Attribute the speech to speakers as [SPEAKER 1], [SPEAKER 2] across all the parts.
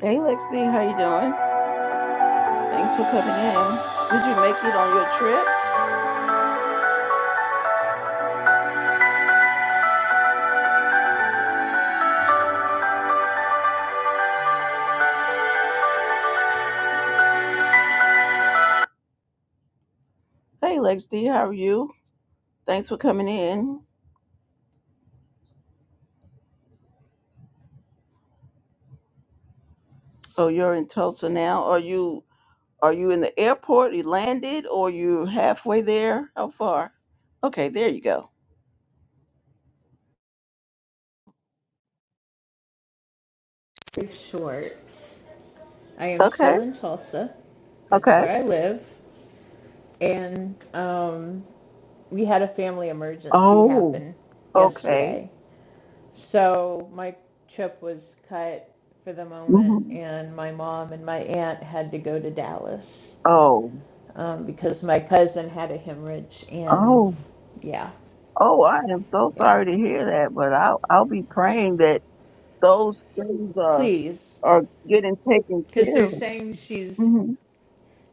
[SPEAKER 1] Hey Lexi, how you doing? Thanks for coming in. Did you make it on your trip? Hey Lexi, how are you? Thanks for coming in. Oh, you're in Tulsa now. Are you are you in the airport? You landed or you halfway there? How far? Okay, there you go.
[SPEAKER 2] very short. I am
[SPEAKER 1] Okay.
[SPEAKER 2] still in Tulsa. That's
[SPEAKER 1] Okay.
[SPEAKER 2] where I live. And um, we had a family emergency
[SPEAKER 1] Oh,
[SPEAKER 2] happen
[SPEAKER 1] okay.
[SPEAKER 2] yesterday. So my trip was cut for the moment,
[SPEAKER 1] hmm
[SPEAKER 2] and my mom and my aunt had to go to Dallas
[SPEAKER 1] Oh.
[SPEAKER 2] um, because my cousin had a hemorrhage. And
[SPEAKER 1] Oh.
[SPEAKER 2] yeah,
[SPEAKER 1] Oh, I am so
[SPEAKER 2] yeah,
[SPEAKER 1] sorry to hear that, but I'll I'll be praying that those things are
[SPEAKER 2] please.
[SPEAKER 1] are getting taken
[SPEAKER 2] Because
[SPEAKER 1] care
[SPEAKER 2] they're
[SPEAKER 1] of.
[SPEAKER 2] saying she's,
[SPEAKER 1] Mm-hmm.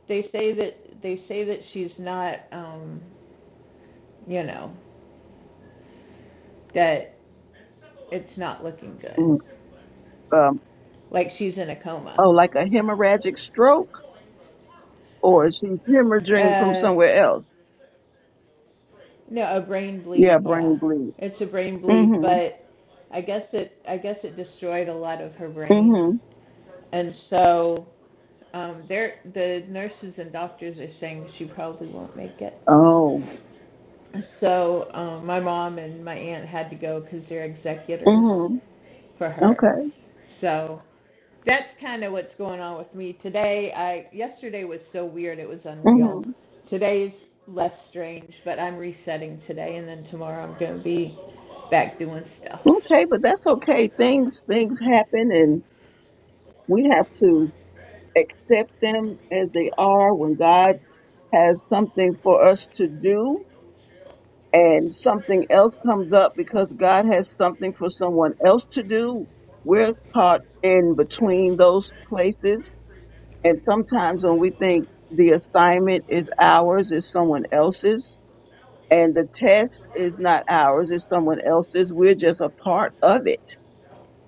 [SPEAKER 2] they say that, they say that she's not, um, you know, that it's not looking good.
[SPEAKER 1] um,
[SPEAKER 2] Like she's in a coma.
[SPEAKER 1] oh, like a hemorrhagic stroke, or she's hemorrhaging from
[SPEAKER 2] Uh,
[SPEAKER 1] somewhere else.
[SPEAKER 2] no, a brain
[SPEAKER 1] Yeah,
[SPEAKER 2] bleed. Yeah,
[SPEAKER 1] brain bleed.
[SPEAKER 2] it's a brain bleed,
[SPEAKER 1] hmm
[SPEAKER 2] but I guess it I guess it destroyed a lot of her brain,
[SPEAKER 1] hmm
[SPEAKER 2] and so um, they're the nurses and doctors are saying she probably won't make it.
[SPEAKER 1] Oh.
[SPEAKER 2] So um, my mom and my aunt had to go because they're executors
[SPEAKER 1] hmm
[SPEAKER 2] for her.
[SPEAKER 1] Okay.
[SPEAKER 2] So that's kind of what's going on with me today. I yesterday was so weird, it was
[SPEAKER 1] hmm
[SPEAKER 2] unreal. Today's less strange, but I'm resetting today, and then tomorrow I'm gonna be back doing stuff.
[SPEAKER 1] Okay, but that's okay. Things things happen, and we have to accept them as they are. When God has something for us to do, and something else comes up because God has something for someone else to do, we're caught in between those places And sometimes when we think the assignment is ours, it's someone else's, and the test is not ours, it's someone else's, we're just a part of it.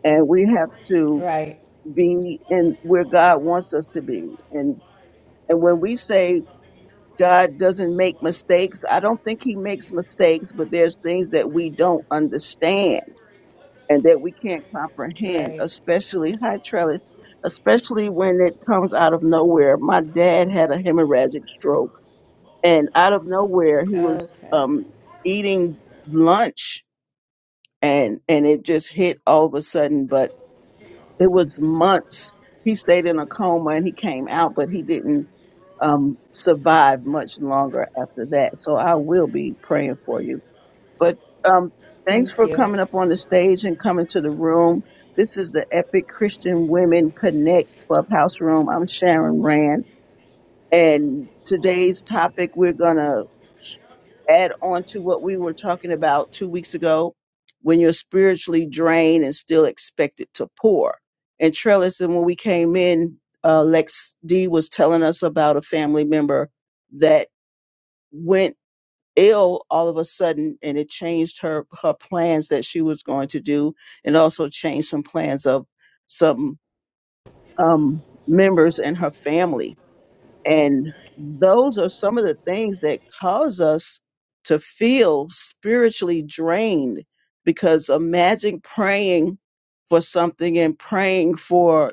[SPEAKER 1] And we have to
[SPEAKER 2] Right,
[SPEAKER 1] be in where God wants us to be. And and when we say God doesn't make mistakes, I don't think he makes mistakes, but there's things that we don't understand and that we can't comprehend,
[SPEAKER 2] right.
[SPEAKER 1] especially high trellis, especially when it comes out of nowhere. My dad had a hemorrhagic stroke, and out of nowhere, he was
[SPEAKER 2] Okay.
[SPEAKER 1] um, eating lunch, and and it just hit all of a sudden. But it was months. He stayed in a coma, and he came out, but he didn't um, survive much longer after that. So I will be praying for you. But um, thanks
[SPEAKER 2] Thank
[SPEAKER 1] for
[SPEAKER 2] you.
[SPEAKER 1] coming up on the stage and coming to the room. This is the Epic Christian Women Connect Clubhouse Room. I'm Sharon Rand. And today's topic, we're going to add on to what we were talking about two weeks ago when you're spiritually drained and still expected to pour. And Trellis, and when we came in, uh, Lex D was telling us about a family member that went ill all of a sudden and it changed her her plans that she was going to do and also changed some plans of some um members in her family and those are some of the things that cause us to feel spiritually drained because imagine praying for something and praying for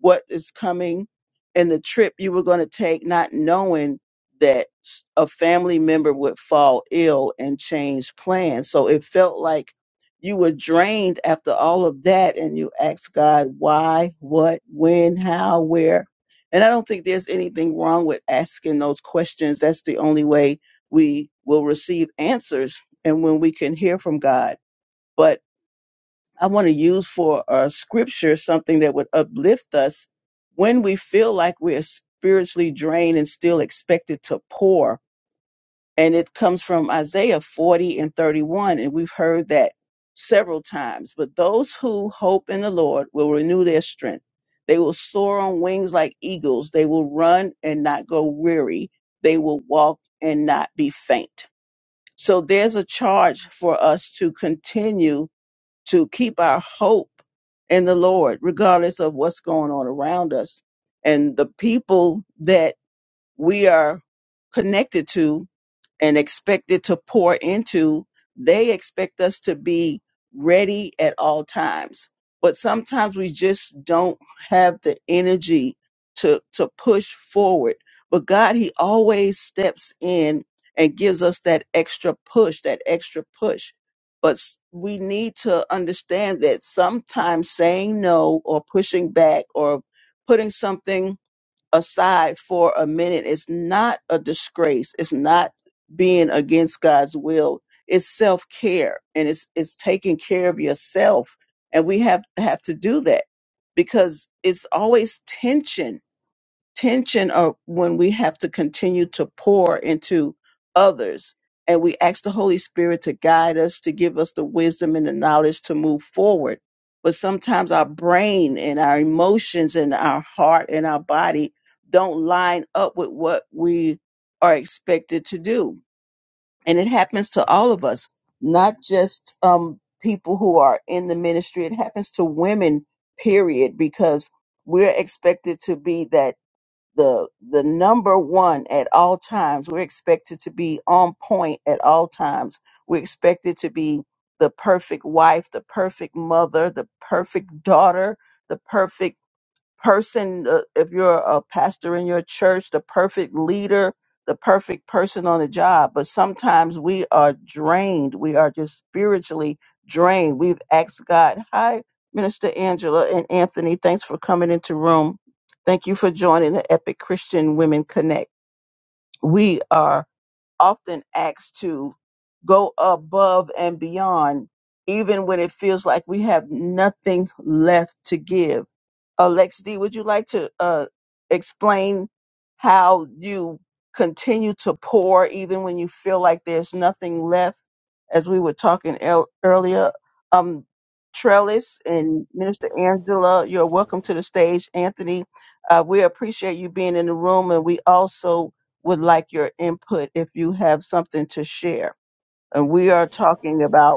[SPEAKER 1] what is coming and the trip you were going to take, not knowing that s- a family member would fall ill and change plans. So it felt like you were drained after all of that, and you asked God why, what, when, how, where. And I don't think there's anything wrong with asking those questions. That's the only way we will receive answers and when we can hear from God. But I want to use for uh, scripture something that would uplift us when we feel like we're spiritually drained and still expected to pour. And it comes from Isaiah 40 and 31. And we've heard that several times. But those who hope in the Lord will renew their strength. They will soar on wings like eagles. They will run and not go weary. They will walk and not be faint. So there's a charge for us to continue to keep our hope in the Lord, regardless of what's going on around us. And the people that we are connected to and expected to pour into, they expect us to be ready at all times. But sometimes we just don't have the energy to to push forward. But God, He always steps in and gives us that extra push, that extra push. But s- we need to understand that sometimes saying no or pushing back or putting something aside for a minute. It's not a disgrace. It's not being against God's will. It's self care and it's it's taking care of yourself. And we have have to do that because it's always tension tension of when we have to continue to pour into others and we ask the holy spirit to guide us to give us the wisdom and the knowledge to move forward but sometimes our brain and our emotions and our heart and our body don't line up with what we are expected to do and it happens to all of us not just um, people who are in the ministry it happens to women period because we're expected to be that the the number one at all times. We're expected to be on point at all times. We're expected to be the perfect wife, the perfect mother, the perfect daughter, the perfect person, uh, if you're a pastor in your church, the perfect leader, the perfect person on the job. But sometimes we are drained. We are just spiritually drained. We've asked God, hi, Minister Angela and Anthony, thanks for coming into room. Thank you for joining the Epic Christian Women Connect. We are often asked to go above and beyond, even when it feels like we have nothing left to give uh, Lex D, would you like to uh, explain how you continue to pour even when you feel like there's nothing left? As we were talking el- earlier, um, Trellis and Minister Angela, you're welcome to the stage. Anthony, uh, we appreciate you being in the room, and we also would like your input if you have something to share. And we are talking about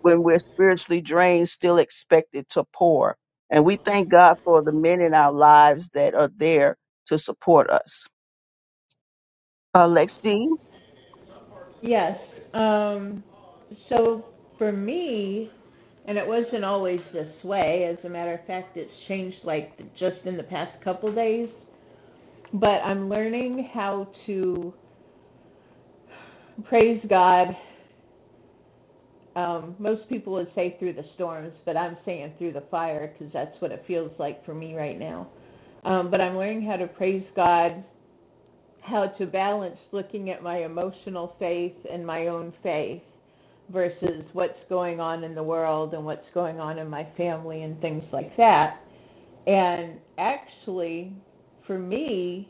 [SPEAKER 1] when we're spiritually drained, still expected to pour. And we thank God for the men in our lives that are there to support us. Uh, Lex D,
[SPEAKER 2] Yes. Um. So for me, and it wasn't always this way. As a matter of fact, it's changed like just in the past couple days. But I'm learning how to praise God Um, most people would say through the storms, but I'm saying through the fire because that's what it feels like for me right now. Um, but I'm learning how to praise God, how to balance looking at my emotional faith and my own faith versus what's going on in the world and what's going on in my family and things like that. And actually, for me,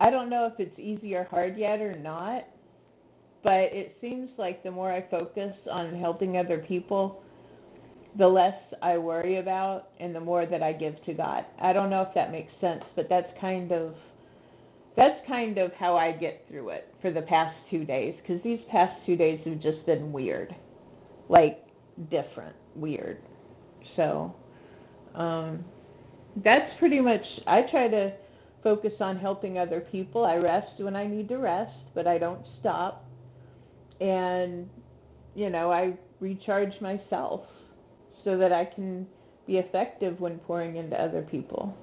[SPEAKER 2] I don't know if it's easy or hard yet or not, but it seems like the more I focus on helping other people, the less I worry about and the more that I give to God. I don't know if that makes sense, but that's kind of that's kind of how I get through it for the past 2 days cuz these past 2 days have just been weird. Like different, weird. So, um that's pretty much I try to focus on helping other people. I rest when I need to rest, but I don't stop. and. you know, I recharge myself so that I can be effective when pouring into other people.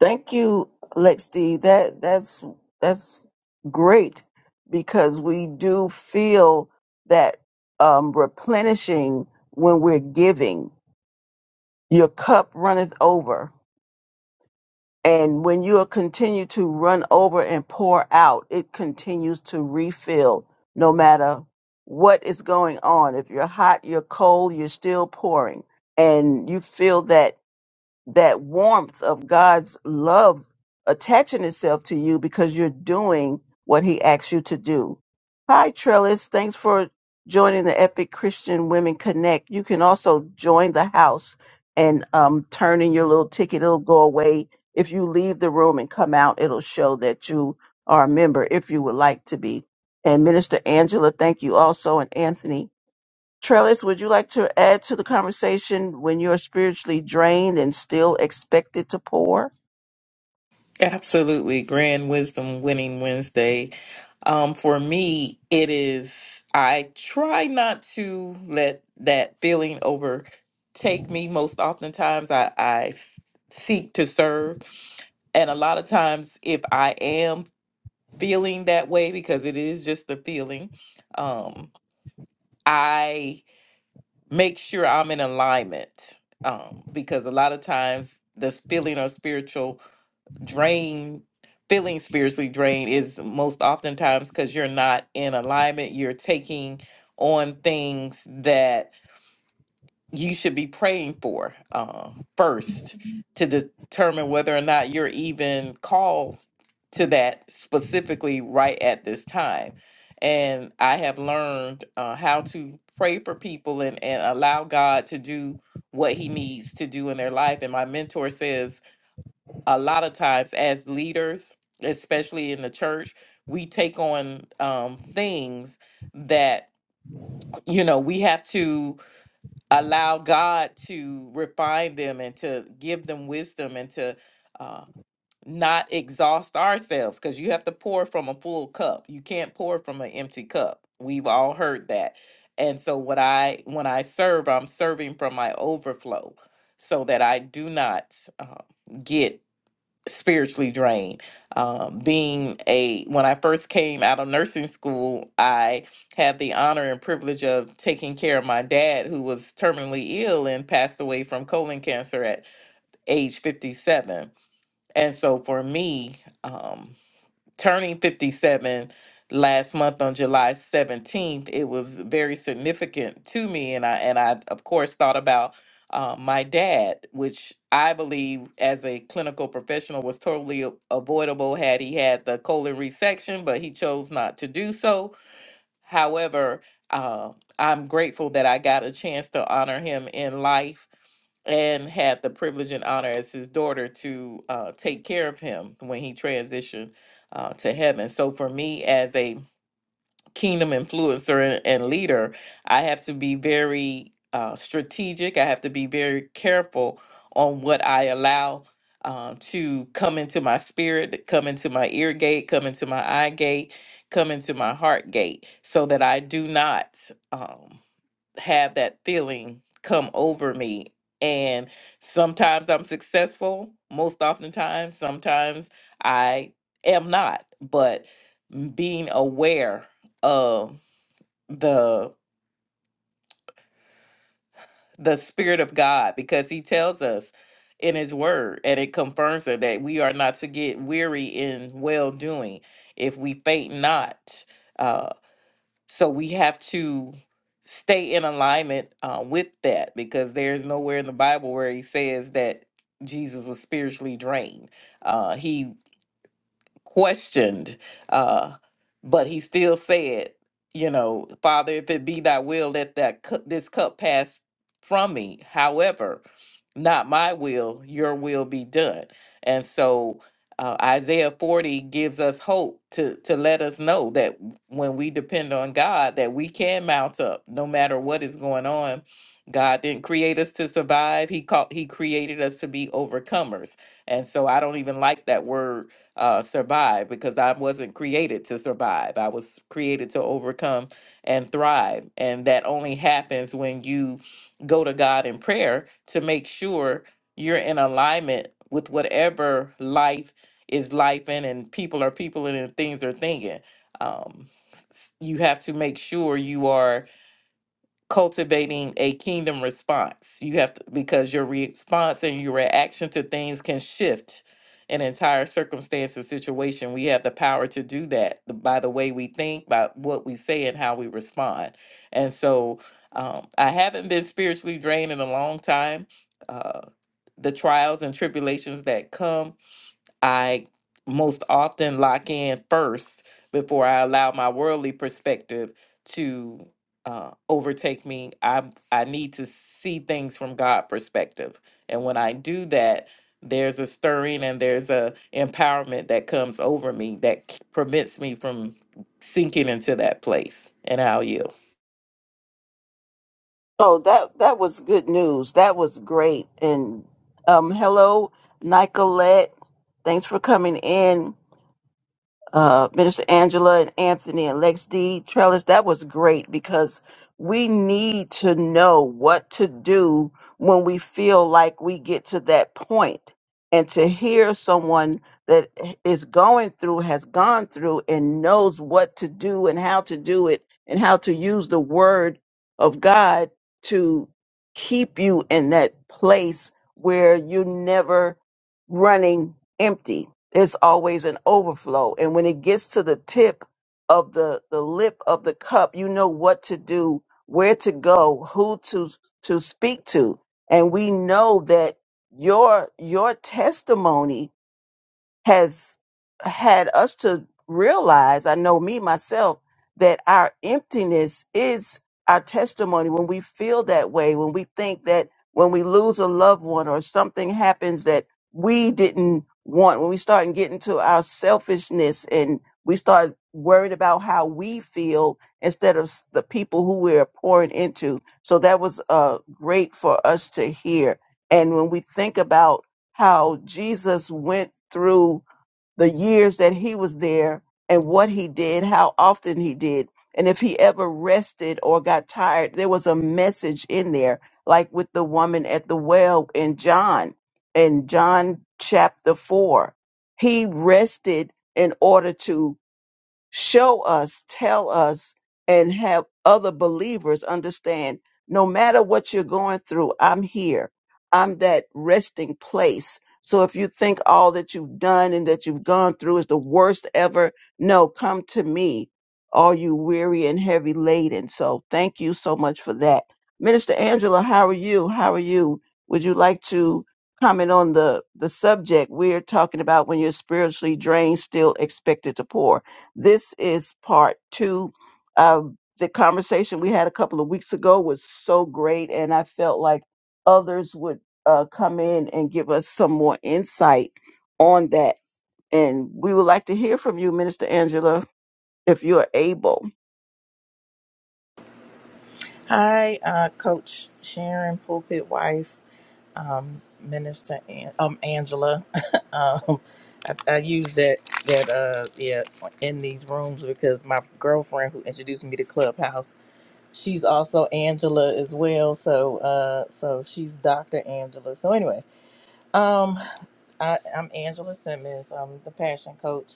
[SPEAKER 1] Thank you, Lex D. That that's that's great because we do feel that um, replenishing when we're giving. Your cup runneth over And when you are continue to run over and pour out, it continues to refill no matter what is going on. If you're hot, you're cold, you're still pouring. And you feel that that warmth of God's love attaching itself to you because you're doing what He asks you to do. Hi, Trellis. Thanks for joining the Epic Christian Women Connect. You can also join the house and um, turn in your little ticket. It'll go away. If you leave the room and come out, it'll show that you are a member if you would like to be. And Minister Angela, thank you also, and Anthony. Trellis, would you like to add to the conversation when you're spiritually drained and still expected to pour?
[SPEAKER 3] Absolutely. Grand Wisdom Winning Wednesday. Um, for me, it is, I try not to let that feeling overtake me. Most oftentimes, I, I s- seek to serve. And a lot of times, if I am feeling that way, because it is just a feeling, um, I make sure I'm in alignment. Um, because a lot of times, this feeling or spiritual drained, feeling spiritually drained is most oftentimes because you're not in alignment. You're taking on things that you should be praying for uh, first to determine whether or not you're even called to that specifically right at this time. And I have learned uh, how to pray for people and, and allow God to do what he needs to do in their life. And my mentor says, a lot of times as leaders, especially in the church, we take on um, things that you know we have to allow God to refine them and to give them wisdom and to uh, not exhaust ourselves because you have to pour from a full cup. You can't pour from an empty cup. We've all heard that. And so what I when I serve, I'm serving from my overflow so that I do not uh, get spiritually drained. Um, being a, when I first came out of nursing school, I had the honor and privilege of taking care of my dad, who was terminally ill and passed away from colon cancer at age 57. And so for me, um, turning 57 last month on July 17th, it was very significant to me. And I, and I of course, thought about uh, my dad, which I believe as a clinical professional was totally a- avoidable had he had the colon resection, but he chose not to do so. However, uh, I'm grateful that I got a chance to honor him in life and had the privilege and honor as his daughter to uh, take care of him when he transitioned uh, to heaven. So for me, as a kingdom influencer and, and leader, I have to be very uh, strategic. I have to be very careful on what I allow uh, to come into my spirit, come into my ear gate, come into my eye gate, come into my heart gate, so that I do not. Um, have that feeling come over me. And sometimes I'm successful, most oftentimes, sometimes I am not. But being aware of the the spirit of God, because He tells us in His Word, and it confirms it that we are not to get weary in well doing if we faint not. uh, so we have to stay in alignment uh, with that because there's nowhere in the bible where he says that jesus was spiritually drained uh, he questioned, uh, but he still said, you know, Father, if it be thy will, let that cu- this cup pass from me. However, not my will, your will be done. And so uh, Isaiah 40 gives us hope to to let us know that when we depend on God, that we can mount up no matter what is going on. God didn't create us to survive. He called he created us to be overcomers. And so I don't even like that word uh, survive because I wasn't created to survive. I was created to overcome and thrive. And that only happens when you go to God in prayer to make sure you're in alignment with whatever life is life in and people are people and things are thinking. Um, s- s- you have to make sure you are cultivating a kingdom response. You have to, because your response and your reaction to things can shift an entire circumstance and situation. We have the power to do that th- by the way we think, by what we say, and how we respond. And so um, I haven't been spiritually drained in a long time. Uh, the trials and tribulations that come. I most often lock in first before I allow my worldly perspective to uh, overtake me. I I need to see things from God perspective, and when I do that, there's a stirring and there's a empowerment that comes over me that k- prevents me from sinking into that place. And how you?
[SPEAKER 1] Oh, that that was good news. That was great. And um, hello, Nicolette. Thanks for coming in. uh, Minister Angela and Anthony and Lex D. Trellis, that was great because we need to know what to do when we feel like we get to that point. And to hear someone that is going through, has gone through, and knows what to do and how to do it and how to use the word of God to keep you in that place where you're never running empty it's always an overflow. And when it gets to the tip of the, the lip of the cup, you know what to do, where to go, who to, to speak to. And we know that your, your testimony has had us to realize, I know me myself, that our emptiness is our testimony when we feel that way, when we think that when we lose a loved one or something happens that we didn't want, when we start getting to our selfishness and we start worried about how we feel instead of s- the people who we're pouring into. So that was uh, great for us to hear. And when we think about how Jesus went through the years that he was there and what he did, how often he did, and if he ever rested or got tired. There was a message in there, like with the woman at the well in John, in John chapter 4. He rested in order to show us, tell us, and have other believers understand no matter what you're going through, I'm here. I'm that resting place. So if you think all that you've done and that you've gone through is the worst ever, no, come to me, all you weary and heavy laden. So thank you so much for that. Minister Angela, how are you? How are you? Would you like to comment on the, the subject we're talking about when you're spiritually drained, still expected to pour? This is part two. Um, the conversation we had a couple of weeks ago was so great, and I felt like others would uh, come in and give us some more insight on that. And we would like to hear from you, Minister Angela, if you're able.
[SPEAKER 4] Hi, uh, Coach Sharon, pulpit wife, um, Minister An- um, Angela. um, I, I use that that uh, yeah in these rooms because my girlfriend who introduced me to Clubhouse, she's also Angela as well. So uh, so she's Doctor Angela. So anyway, um, I, I'm Angela Simmons. I'm the passion coach.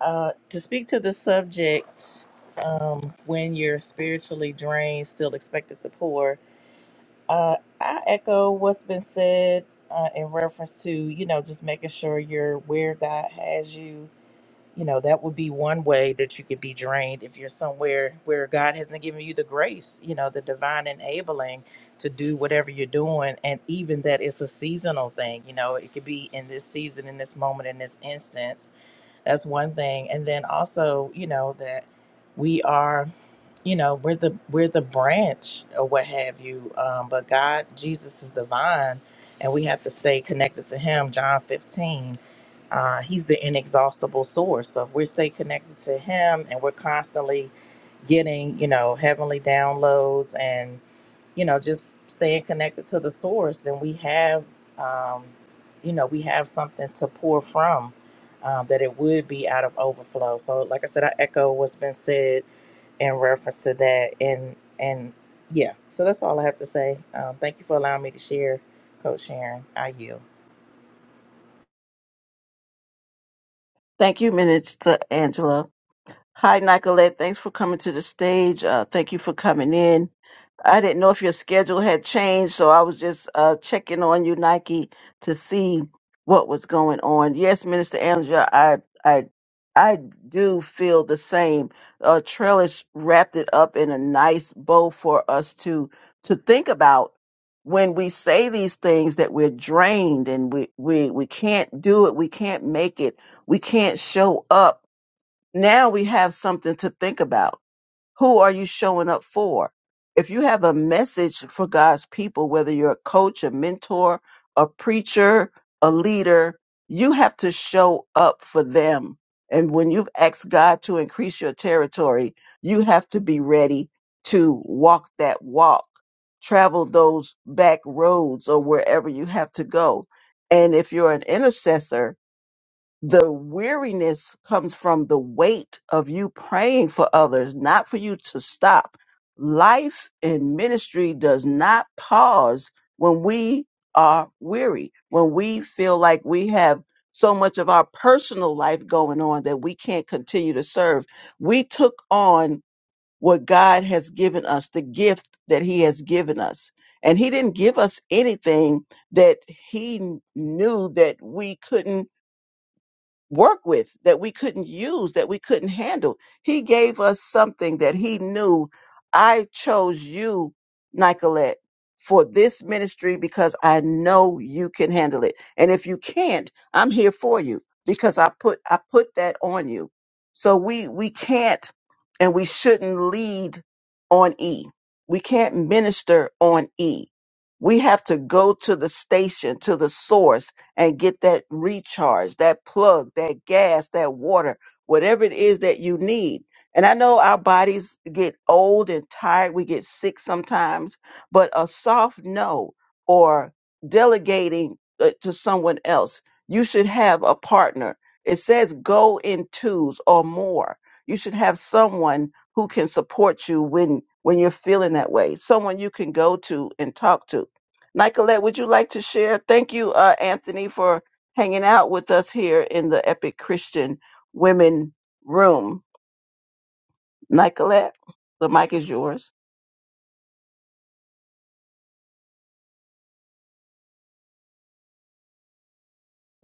[SPEAKER 4] Uh, to speak to the subject, um, when you're spiritually drained, still expected to pour uh, I echo what's been said uh, in reference to, you know, just making sure you're where God has you. You know, that would be one way that you could be drained if you're somewhere where God hasn't given you the grace, you know, the divine enabling to do whatever you're doing. And even that it's a seasonal thing, you know, it could be in this season, in this moment, in this instance. That's one thing. And then also, you know, that we are you know we're the we're the branch or what have you um, but god jesus is the vine and we have to stay connected to him john 15 uh, he's the inexhaustible source so if we stay connected to him and we're constantly getting you know heavenly downloads and you know, just staying connected to the source, then we have, um, you know, we have something to pour from um, that it would be out of overflow. So, like I said, I echo what's been said in reference to that. And, and yeah, so that's all I have to say. Um, thank you for allowing me to share, Coach Sharon. I yield.
[SPEAKER 1] Thank you, Minister Angela. Hi, Nicolette. Thanks for coming to the stage. Uh, thank you for coming in. I didn't know if your schedule had changed, so I was just uh, checking on you, Nike, to see what was going on. Yes, Minister Angela, I, I, I do feel the same. Uh, Trellis wrapped it up in a nice bow for us to to think about when we say these things that we're drained and we we we can't do it, we can't make it, we can't show up now we have something to think about. Who are you showing up for? If you have a message for God's people, whether you're a coach, a mentor, a preacher, a leader, you have to show up for them. And when you've asked God to increase your territory, you have to be ready to walk that walk, travel those back roads or wherever you have to go. And if you're an intercessor, the weariness comes from the weight of you praying for others, not for you to stop. Life and ministry does not pause when we are weary, when we feel like we have so much of our personal life going on that we can't continue to serve. We took on what God has given us, the gift that He has given us. And He didn't give us anything that He knew that we couldn't work with that we couldn't use that we couldn't handle he gave us something that he knew i chose you nicolette for this ministry because i know you can handle it and if you can't i'm here for you because i put i put that on you so we we can't and we shouldn't lead on e we can't minister on e we have to go to the station to the source and get that recharge, that plug, that gas, that water, whatever it is that you need. And I know our bodies get old and tired, we get sick sometimes, but a soft no or delegating uh, to someone else, you should have a partner. It says go in twos or more. You should have someone who can support you when when you're feeling that way, someone you can go to and talk to Nicolette, would you like to share? Thank you, uh, Anthony, for hanging out with us here in the Epic Christian Women Room. Nicolette, the mic is yours.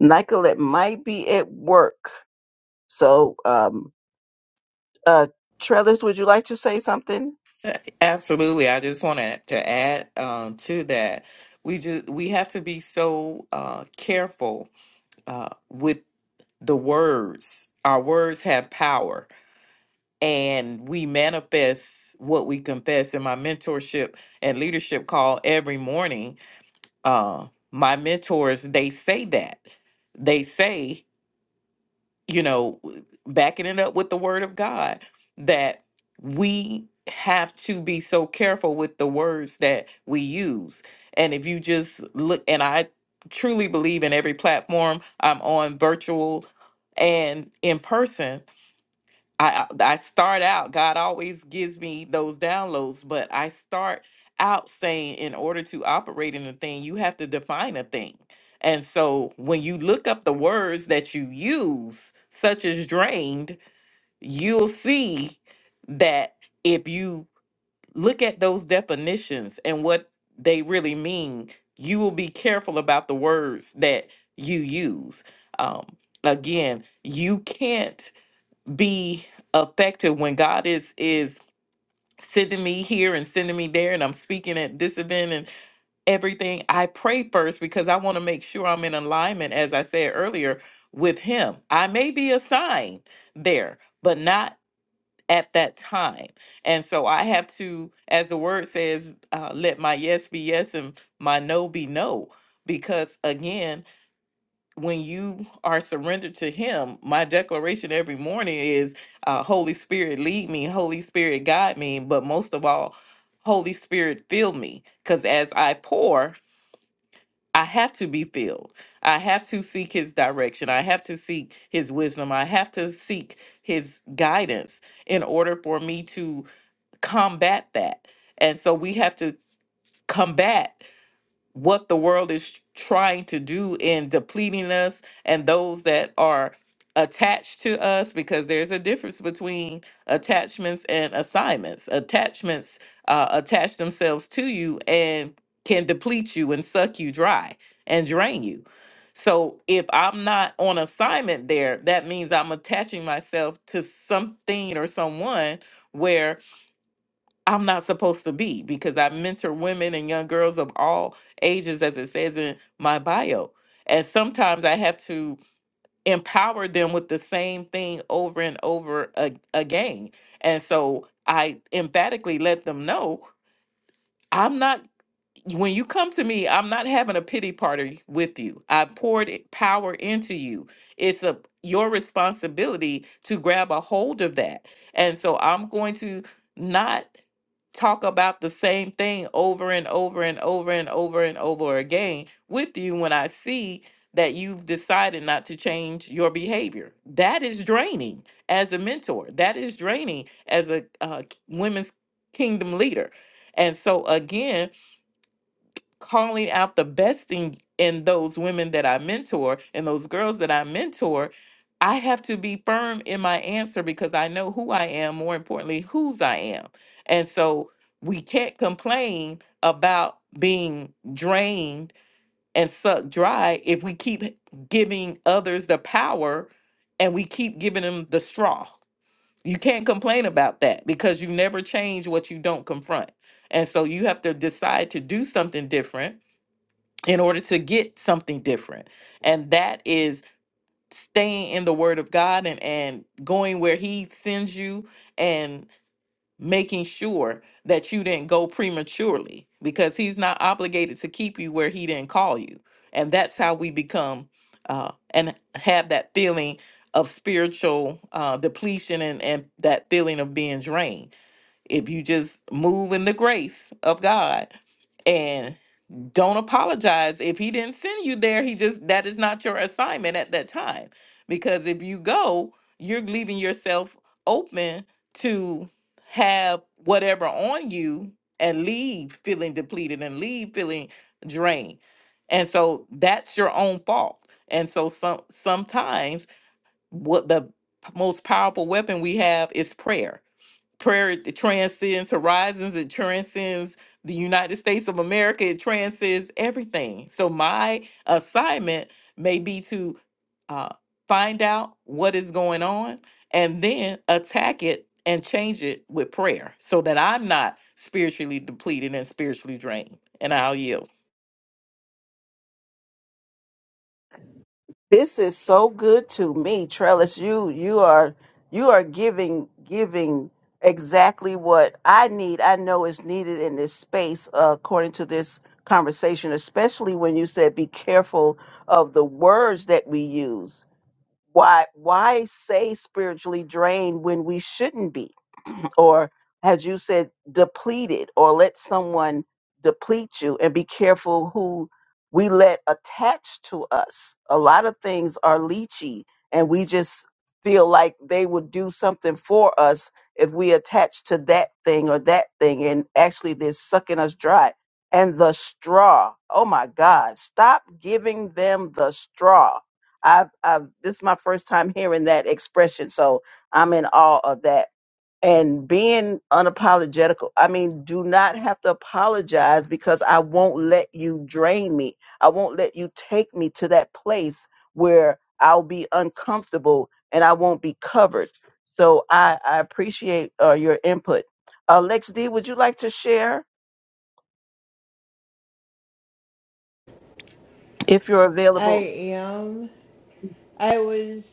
[SPEAKER 1] Nicolette might be at work. So, um, uh, Trellis, would you like to say something?
[SPEAKER 3] Absolutely. I just wanted to add um, to that. We just we have to be so uh, careful uh, with the words. Our words have power, and we manifest what we confess. In my mentorship and leadership call every morning, uh, my mentors they say that they say, you know, backing it up with the word of God, that we have to be so careful with the words that we use. And if you just look, and I truly believe in every platform I'm on, virtual and in person I I I start out, God always gives me those downloads, but I start out saying in order to operate in a thing, you have to define a thing. And so when you look up the words that you use, such as drained, you'll see that if you look at those definitions and what they really mean, you will be careful about the words that you use. Um, again, you can't be effective when God is is sending me here and sending me there and I'm speaking at this event and everything I pray first because I want to make sure I'm in alignment as I said earlier with him I may be assigned there but not at that time and so I have to as the word says uh, let my yes be yes and my no be no because again when you are surrendered to him my declaration every morning is uh, holy spirit lead me holy spirit guide me but most of all holy spirit fill me because as i pour i have to be filled i have to seek his direction i have to seek his wisdom i have to seek his guidance in order for me to combat that and so we have to combat what the world is trying to do in depleting us and those that are attached to us because there's a difference between attachments and assignments attachments uh, attach themselves to you and can deplete you and suck you dry and drain you so if i'm not on assignment there that means i'm attaching myself to something or someone where I'm not supposed to be because I mentor women and young girls of all ages, as it says in my bio. And sometimes I have to empower them with the same thing over and over a- again. And so I emphatically let them know. I'm not when you come to me, I'm not having a pity party with you. I poured it- power into you. It's a your responsibility to grab a hold of that. And so I'm going to not talk about the same thing over and over and over and over and over again with you when I see that you've decided not to change your behavior. That is draining as a mentor. That is draining as a uh, women's kingdom leader. And so again, calling out the best thing in those women that I mentor and those girls that I mentor, I have to be firm in my answer because I know who I am, more importantly, whose I am. And so we can't complain about being drained and sucked dry if we keep giving others the power and we keep giving them the straw. You can't complain about that because you never change what you don't confront. And so you have to decide to do something different in order to get something different and that is staying in the word of god and and going where he sends you and making sure that you didn't go prematurely because he's not obligated to keep you where he didn't call you and that's how we become uh and have that feeling of spiritual uh depletion and and that feeling of being drained if you just move in the grace of god don't apologize if he didn't send you there he just that is not your assignment at that time because if you go you're leaving yourself open to have whatever on you and leave feeling depleted and leave feeling drained and so that's your own fault and so some sometimes what the most powerful weapon we have is prayer prayer it transcends horizons it transcends the united states of america it transcends everything so my assignment may be to uh, find out what is going on and then attack it and change it with prayer so that i'm not spiritually depleted and spiritually drained and i'll yield
[SPEAKER 1] This is so good to me, Trellis. You you are you are giving giving exactly what I need. I know is needed in this space, uh, according to this conversation. Especially when you said, "Be careful of the words that we use." Why why say spiritually drained when we shouldn't be? or as you said, depleted, or let someone deplete you and be careful who we let attach to us. A lot of things are leechy, and we just feel like they would do something for us if we attach to that thing or that thing, and actually they're sucking us dry. And the straw, oh my God, stop giving them the straw. I've, I've, this is my first time hearing that expression, so I'm in awe of that and being unapologetical. I mean, do not have to apologize because I won't let you drain me. I won't let you take me to that place where I'll be uncomfortable and I won't be covered. So I, I appreciate uh, your input. Uh, Lex D, would you like to share if you're
[SPEAKER 2] I
[SPEAKER 1] available?
[SPEAKER 2] am. I was.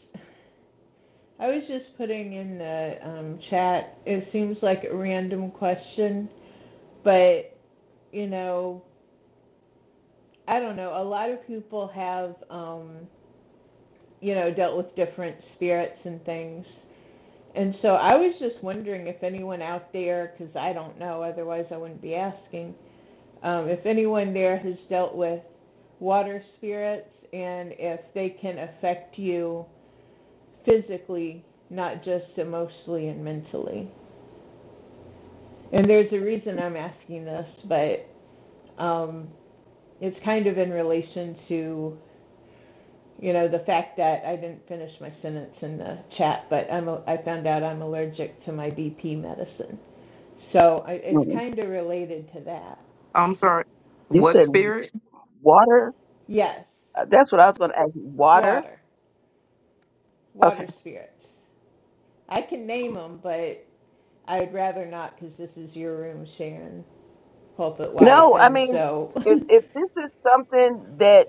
[SPEAKER 2] I was just putting in the um, chat. It seems like a random question, but you know, I don't know. A lot of people have, um, you know, dealt with different spirits and things. And so I was just wondering if anyone out there, because I don't know, otherwise I wouldn't be asking, Um, if anyone there has dealt with water spirits and if they can affect you physically, not just emotionally and mentally. And there's a reason I'm asking this, but um, it's kind of in relation to, you know, the fact that I didn't finish my sentence in the chat, but I'm a, I found out I'm allergic to my BP medicine. So I, it's
[SPEAKER 1] Mhm.
[SPEAKER 2] kind of related to that.
[SPEAKER 3] i'm sorry
[SPEAKER 1] You
[SPEAKER 3] what
[SPEAKER 1] said
[SPEAKER 3] spirit
[SPEAKER 1] water.
[SPEAKER 2] Yes,
[SPEAKER 1] Uh, That's what I was going to ask. Water.
[SPEAKER 2] water,
[SPEAKER 1] Okay.
[SPEAKER 2] water spirits. I can name them, but I'd rather not because this is your room, Sharon, pulpit wife,
[SPEAKER 1] No, I
[SPEAKER 2] and
[SPEAKER 1] mean,
[SPEAKER 2] so
[SPEAKER 1] if, if this is something that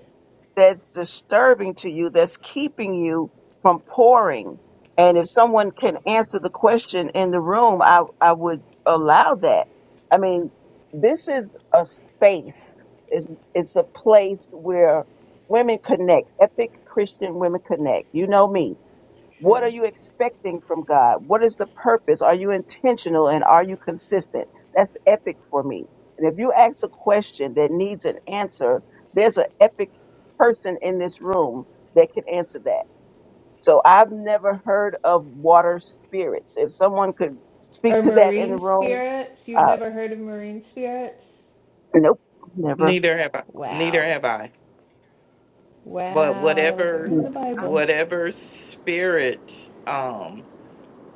[SPEAKER 1] that's disturbing to you, that's keeping you from pouring. And if someone can answer the question in the room, I, I would allow that. I mean, this is a space. It's, it's a place where women connect, epic Christian women connect. You know me. What are
[SPEAKER 2] true.
[SPEAKER 1] you expecting from God? What is the purpose? Are you intentional and are you consistent? That's epic for me. And if you ask a question that needs an answer, there's an epic person in this room that can answer that. So I've never heard of water spirits. If someone could speak
[SPEAKER 2] Or
[SPEAKER 1] to that in
[SPEAKER 2] marine
[SPEAKER 1] the room,
[SPEAKER 2] spirits?
[SPEAKER 1] uh,
[SPEAKER 2] You've never heard of marine spirits?
[SPEAKER 1] nope, never.
[SPEAKER 3] neither have i neither
[SPEAKER 2] Wow,
[SPEAKER 3] have i but
[SPEAKER 2] wow, they're
[SPEAKER 3] whatever
[SPEAKER 2] in
[SPEAKER 1] Mm.
[SPEAKER 2] the Bible.
[SPEAKER 3] whatever spirit um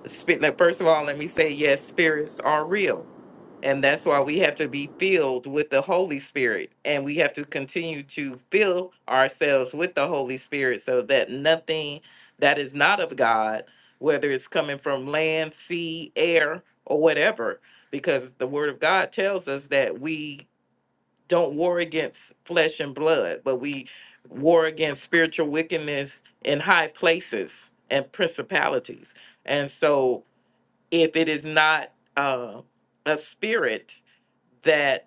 [SPEAKER 3] Spi- like, First of all, let me say, yes, spirits are real. And that's why we have to be filled with the Holy Spirit. And we have to continue to fill ourselves with the Holy Spirit so that nothing that is not of God, whether it's coming from land, sea, air, or whatever, because the Word of God tells us that we don't war against flesh and blood, but we war against spiritual wickedness in high places and principalities. And so if it is not uh, a spirit that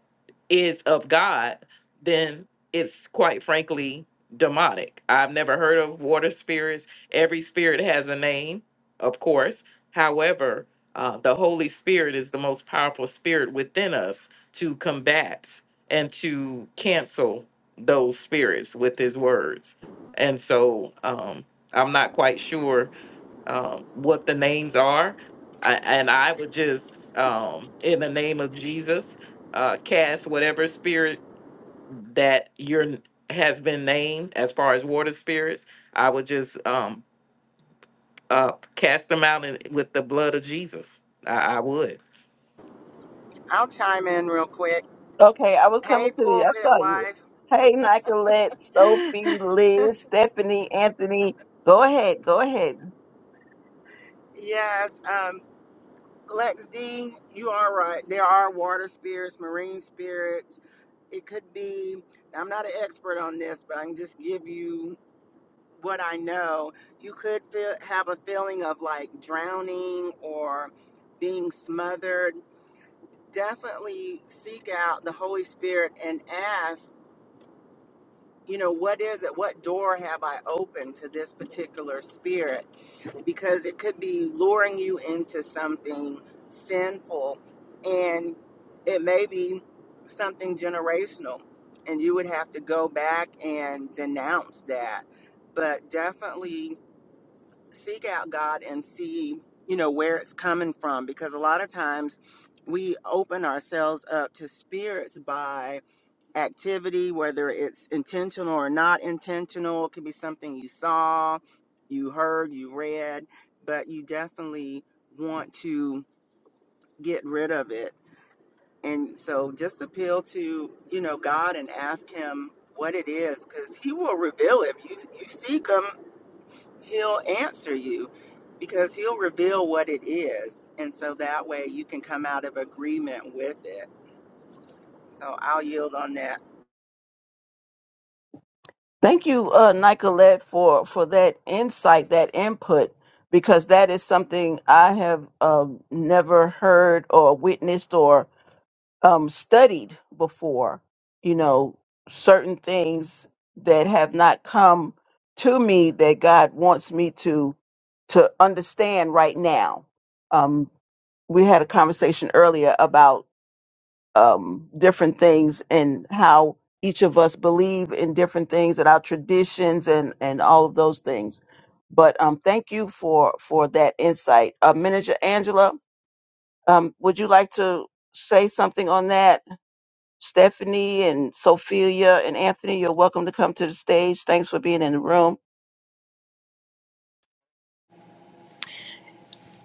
[SPEAKER 3] is of God, then it's quite frankly demonic. I've never heard of water spirits. Every spirit has a name, of course. However, uh, the Holy Spirit is the most powerful spirit within us to combat and to cancel those spirits with his words. And so um, I'm not quite sure um, what the names are. I, and I would just, um, in the name of Jesus, uh, cast whatever spirit that your has been named as far as water spirits. I would just um, uh, cast them out in, with the blood of Jesus. I, I would.
[SPEAKER 5] I'll chime in real quick.
[SPEAKER 1] Okay, I was
[SPEAKER 5] Hey,
[SPEAKER 1] coming to you. I
[SPEAKER 5] pulpit
[SPEAKER 1] saw you.
[SPEAKER 5] wife.
[SPEAKER 1] Hey, Nicolette, Sophie, Liz, Stephanie, Anthony. Go ahead. Go ahead.
[SPEAKER 5] Yes, um, Lex D, you are right. There are water spirits, marine spirits. It could be, I'm not an expert on this, but I can just give you what I know. You could feel, have a feeling of like drowning or being smothered. Definitely seek out the Holy Spirit and ask, you know, what is it? What door have I opened to this particular spirit? because it could be luring you into something sinful and it may be something generational and you would have to go back and denounce that but definitely seek out God and see you know where it's coming from because a lot of times we open ourselves up to spirits by activity, whether it's intentional or not intentional. It could be something you saw, you heard, you read, but you definitely want to get rid of it. And so just appeal to, you know, God and ask him what it is cuz he will reveal it. If you you seek him, he'll answer you because he'll reveal what it is. And so that way you can come out of agreement with it. So I'll yield on that.
[SPEAKER 1] Thank you, uh, Nicolette, for for that insight, that input, because that is something I have um, never heard or witnessed or um, studied before. You know, certain things that have not come to me that God wants me to to understand right now. Um, we had a conversation earlier um, different things and how each of us believe in different things and our traditions and and all of those things. But um, thank you for for that insight, uh, Manager Angela. Um, would you like to say something on that? Stephanie and Sophia and Anthony, you're welcome to come to the stage. Thanks for being in the room.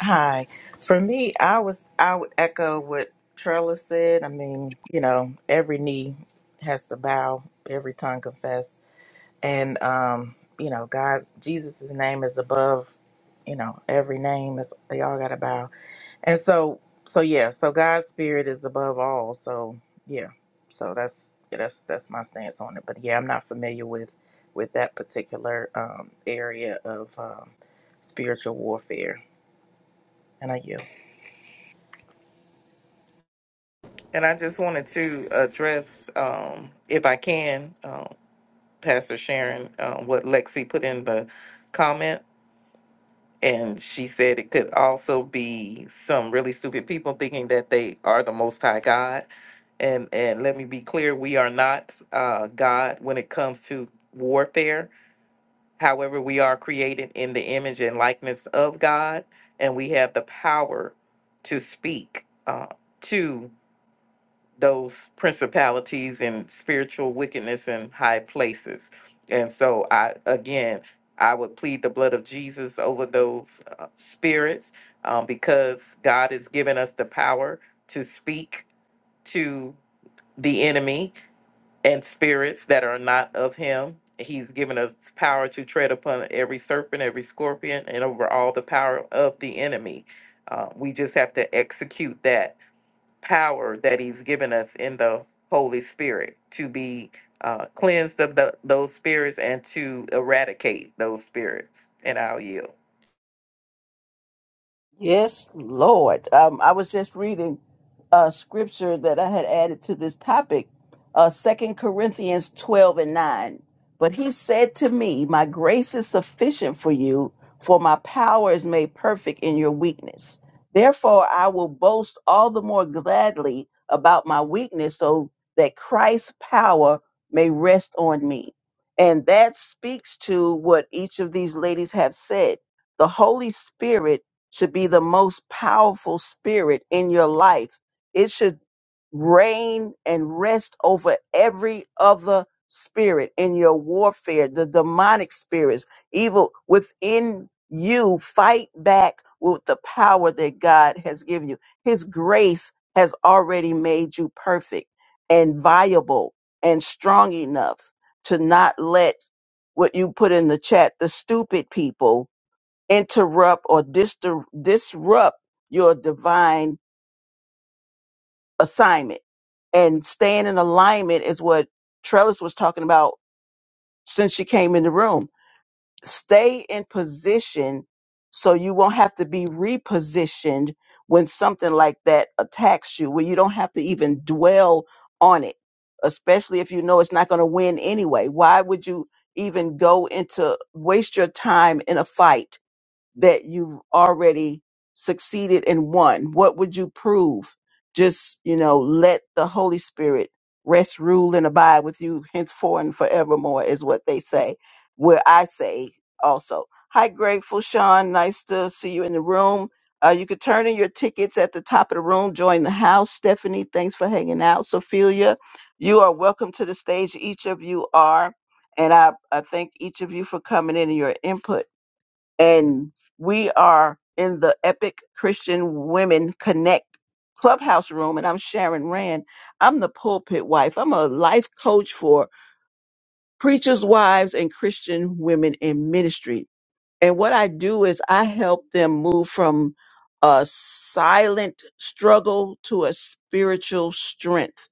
[SPEAKER 4] Hi. For me, I was, I would echo what Trellis said. I mean, you know, every knee has to bow, every tongue confess and um, you know, God's Jesus' name is above, you know, every name. is they all gotta bow. And so so yeah, so God's spirit is above all. So yeah. So that's yeah, that's that's my stance on it. But yeah, I'm not familiar with with that particular um area of um spiritual warfare. And I you?
[SPEAKER 3] And I just wanted to address, um, if I can, um, Pastor Sharon, uh, what Lexi put in the comment And she said it could also be some really stupid people thinking that they are the Most High God. And and let me be clear, we are not uh, God when it comes to warfare. However, we are created in the image and likeness of God, and we have the power to speak uh, to those principalities and spiritual wickedness in high places. And so I again, I would plead the blood of Jesus over those uh, spirits um, because God has given us the power to speak to the enemy and spirits that are not of him. He's given us power to tread upon every serpent, every scorpion, and over all the power of the enemy. Uh, we just have to execute that power that he's given us in the Holy Spirit to be uh, cleansed of the, those spirits and to eradicate those spirits in our yield.
[SPEAKER 1] Yes, Lord. Um, I was just reading a scripture that I had added to this topic, uh, 2 Corinthians 12 and 9. But he said to me, My grace is sufficient for you, for my power is made perfect in your weakness. Therefore, I will boast all the more gladly about my weakness, so that Christ's power may rest on me. And that speaks to what each of these ladies have said. The Holy Spirit should be the most powerful spirit in your life. It should reign and rest over every other spirit in your warfare, the demonic spirits, evil within you. Fight back with the power that God has given you. His grace has already made you perfect and viable and strong enough to not let what you put in the chat, the stupid people interrupt or distur- disrupt your divine assignment. And staying in alignment is what Trellis was talking about since she came in the room. Stay in position so you won't have to be repositioned when something like that attacks you, where you don't have to even dwell on it, especially if you know it's not going to win anyway. Why would you even go into waste your time in a fight? that you've already succeeded and won? What would you prove? Just, you know, let the Holy Spirit rest, rule, and abide with you henceforth and forevermore, is what they say, where I say also. Hi, Grateful Sean. Nice to see you in the room. Uh, you could turn in your tickets at the top of the room. Join the house. Stephanie, thanks for hanging out. Sophia, you are welcome to the stage. Each of you are. And I, I thank each of you for coming in and your input and we are in the Epic Christian Women Connect clubhouse room and I'm Sharon Rand. I'm the pulpit wife. I'm a life coach for preachers' wives and Christian women in ministry. And what I do is I help them move from a silent struggle to a spiritual strength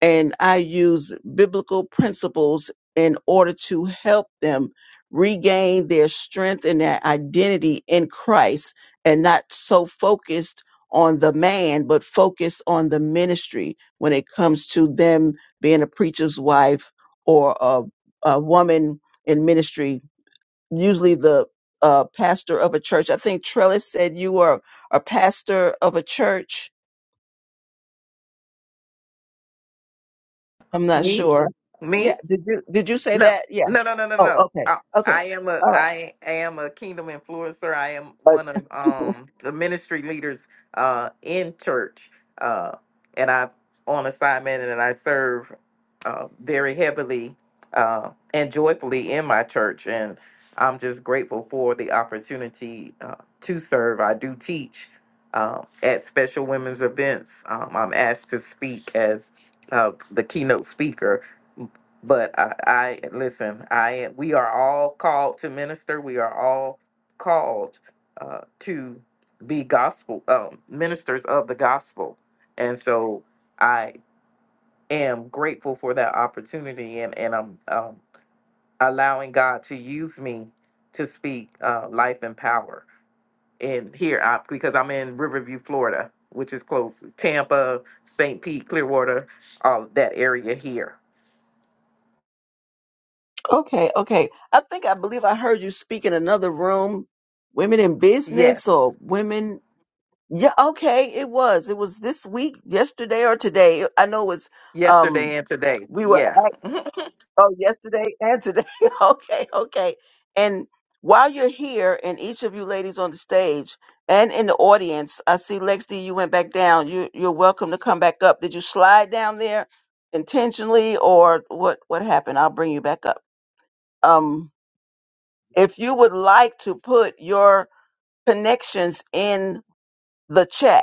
[SPEAKER 1] and I use biblical principles in order to help them regain their strength and their identity in Christ and not so focused on the man, but focused on the ministry when it comes to them being a preacher's wife or a, a woman in ministry, usually the uh, pastor of a church. I think Trellis said you were a pastor of a church. I'm not
[SPEAKER 3] Me?
[SPEAKER 1] sure. Yeah,
[SPEAKER 3] Me?
[SPEAKER 1] did you did you say
[SPEAKER 3] No,
[SPEAKER 1] that? Yeah.
[SPEAKER 3] no, no, no, no,
[SPEAKER 1] Oh,
[SPEAKER 3] no.
[SPEAKER 1] okay.
[SPEAKER 3] I,
[SPEAKER 1] Okay.
[SPEAKER 3] I am a
[SPEAKER 1] All right.
[SPEAKER 3] I am a kingdom influencer. I am
[SPEAKER 1] Uh,
[SPEAKER 3] one of um the ministry leaders uh in church. Uh and I'm on assignment and I serve uh very heavily uh and joyfully in my church and I'm just grateful for the opportunity uh, to serve. I do teach uh, at special women's events. Um, I'm asked to speak as uh, the keynote speaker but I, I listen. I we are all called to minister. We are all called uh, to be gospel um, ministers of the gospel, and so I am grateful for that opportunity, and and I'm um, allowing God to use me to speak uh, life and power in here I, because I'm in Riverview, Florida, which is close Tampa, St. Pete, Clearwater, all that area here.
[SPEAKER 1] okay. Okay. I think I believe I heard you speak in another room, women in business
[SPEAKER 3] Yes.
[SPEAKER 1] or women. Yeah. Okay. It was. It was this week, yesterday or today. I know it was, um,
[SPEAKER 3] yesterday and today.
[SPEAKER 1] we were
[SPEAKER 3] Yeah.
[SPEAKER 1] asked. Oh, yesterday and today. okay, okay. And while you're here, and each of you ladies on the stage and in the audience, I see Lex D. You went back down. You you're welcome to come back up. Did you slide down there intentionally, or what? What happened? I'll bring you back up. Um, if you would like to put your connections in the chat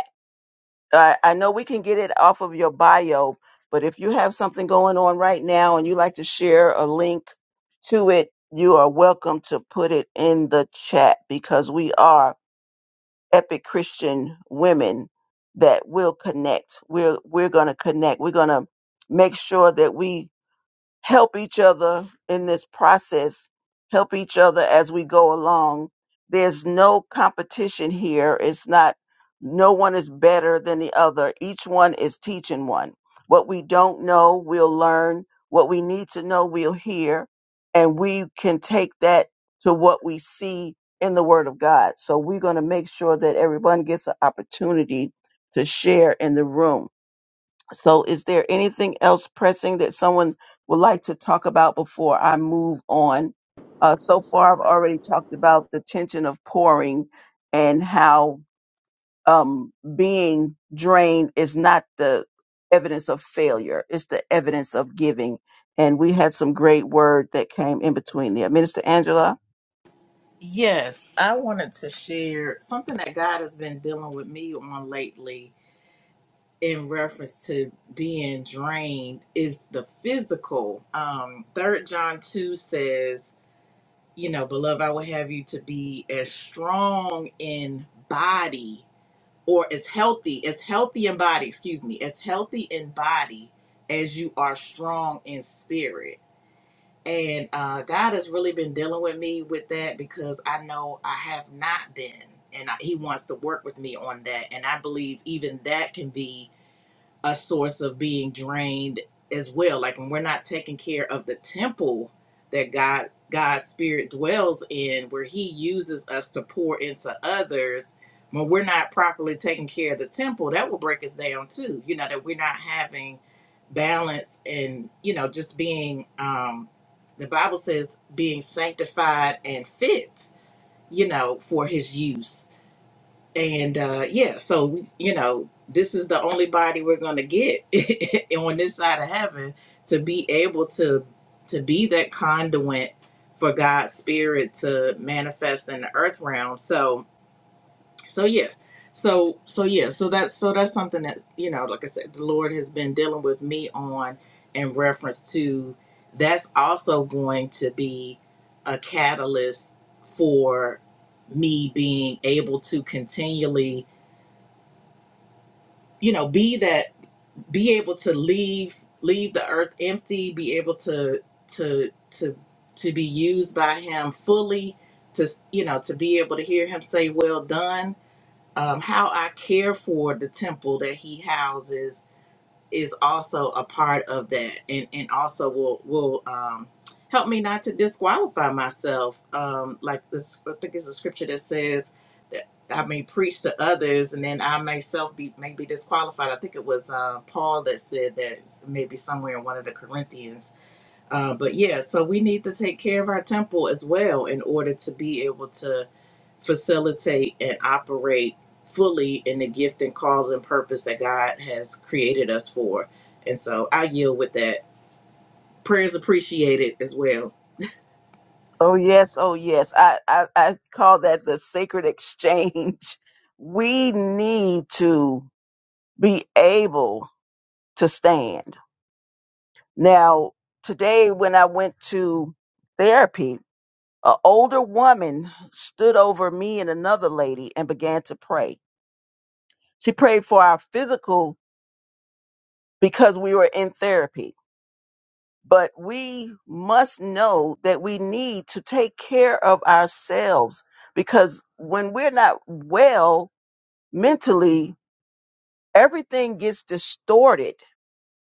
[SPEAKER 1] I, I know we can get it off of your bio, but if you have something going on right now and you like to share a link to it, you are welcome to put it in the chat because we are epic Christian women that will connect. We're we're gonna connect. We're gonna make sure that we help each other in this process, help each other as we go along. There's no competition here. It's not, no one is better than the other. Each one is teaching one. What we don't know, we'll learn. What we need to know, we'll hear. And we can take that to what we see in the Word of God. So we're going to make sure that everyone gets an opportunity to share in the room. So, is there anything else pressing that someone would like to talk about before I move on? Uh, so far, I've already talked about the tension of pouring and how um, being drained is not the evidence of failure, it's the evidence of giving. And we had some great word that came in between there. Minister Angela?
[SPEAKER 4] Yes, I wanted to share something that God has been dealing with me on lately in reference to being drained is the physical. Um, Third John two says, you know, beloved, I will have you to be as strong in body or as healthy, as healthy in body, excuse me, as healthy in body as you are strong in spirit. And uh, God has really been dealing with me with that because I know I have not been. And I, he wants to work with me on that. And I believe even that can be a source of being drained as well. Like when we're not taking care of the temple that God God's spirit dwells in, where He uses us to pour into others, when we're not properly taking care of the temple, that will break us down too. You know, that we're not having balance and, you know, just being um the Bible says being sanctified and fit, you know, for his use and uh yeah so we, you know this is the only body we're going to get on this side of heaven to be able to to be that conduit for god's spirit to manifest in the earth realm so so yeah so so yeah so that's so that's something that's you know like i said the lord has been dealing with me on in reference to that's also going to be a catalyst for me being able to continually you know be that be able to leave leave the earth empty be able to to to to be used by him fully to you know to be able to hear him say well done um, how i care for the temple that he houses is also a part of that and, and also will will um, help me not to disqualify myself. Um, like this I think it's a scripture that says that I may preach to others and then I myself be may be disqualified. I think it was uh, Paul that said that maybe somewhere in one of the Corinthians. Uh, but yeah, so we need to take care of our temple as well in order to be able to facilitate and operate fully in the gift and cause and purpose that God has created us for. And so I yield with that. Prayers appreciated as well.
[SPEAKER 1] Oh, yes. Oh, yes. I, I, I call that the sacred exchange. We need to be able to stand. Now, today when I went to therapy, an older woman stood over me and another lady and began to pray. She prayed for our physical because we were in therapy. But we must know that we need to take care of ourselves because when we're not well mentally, everything gets distorted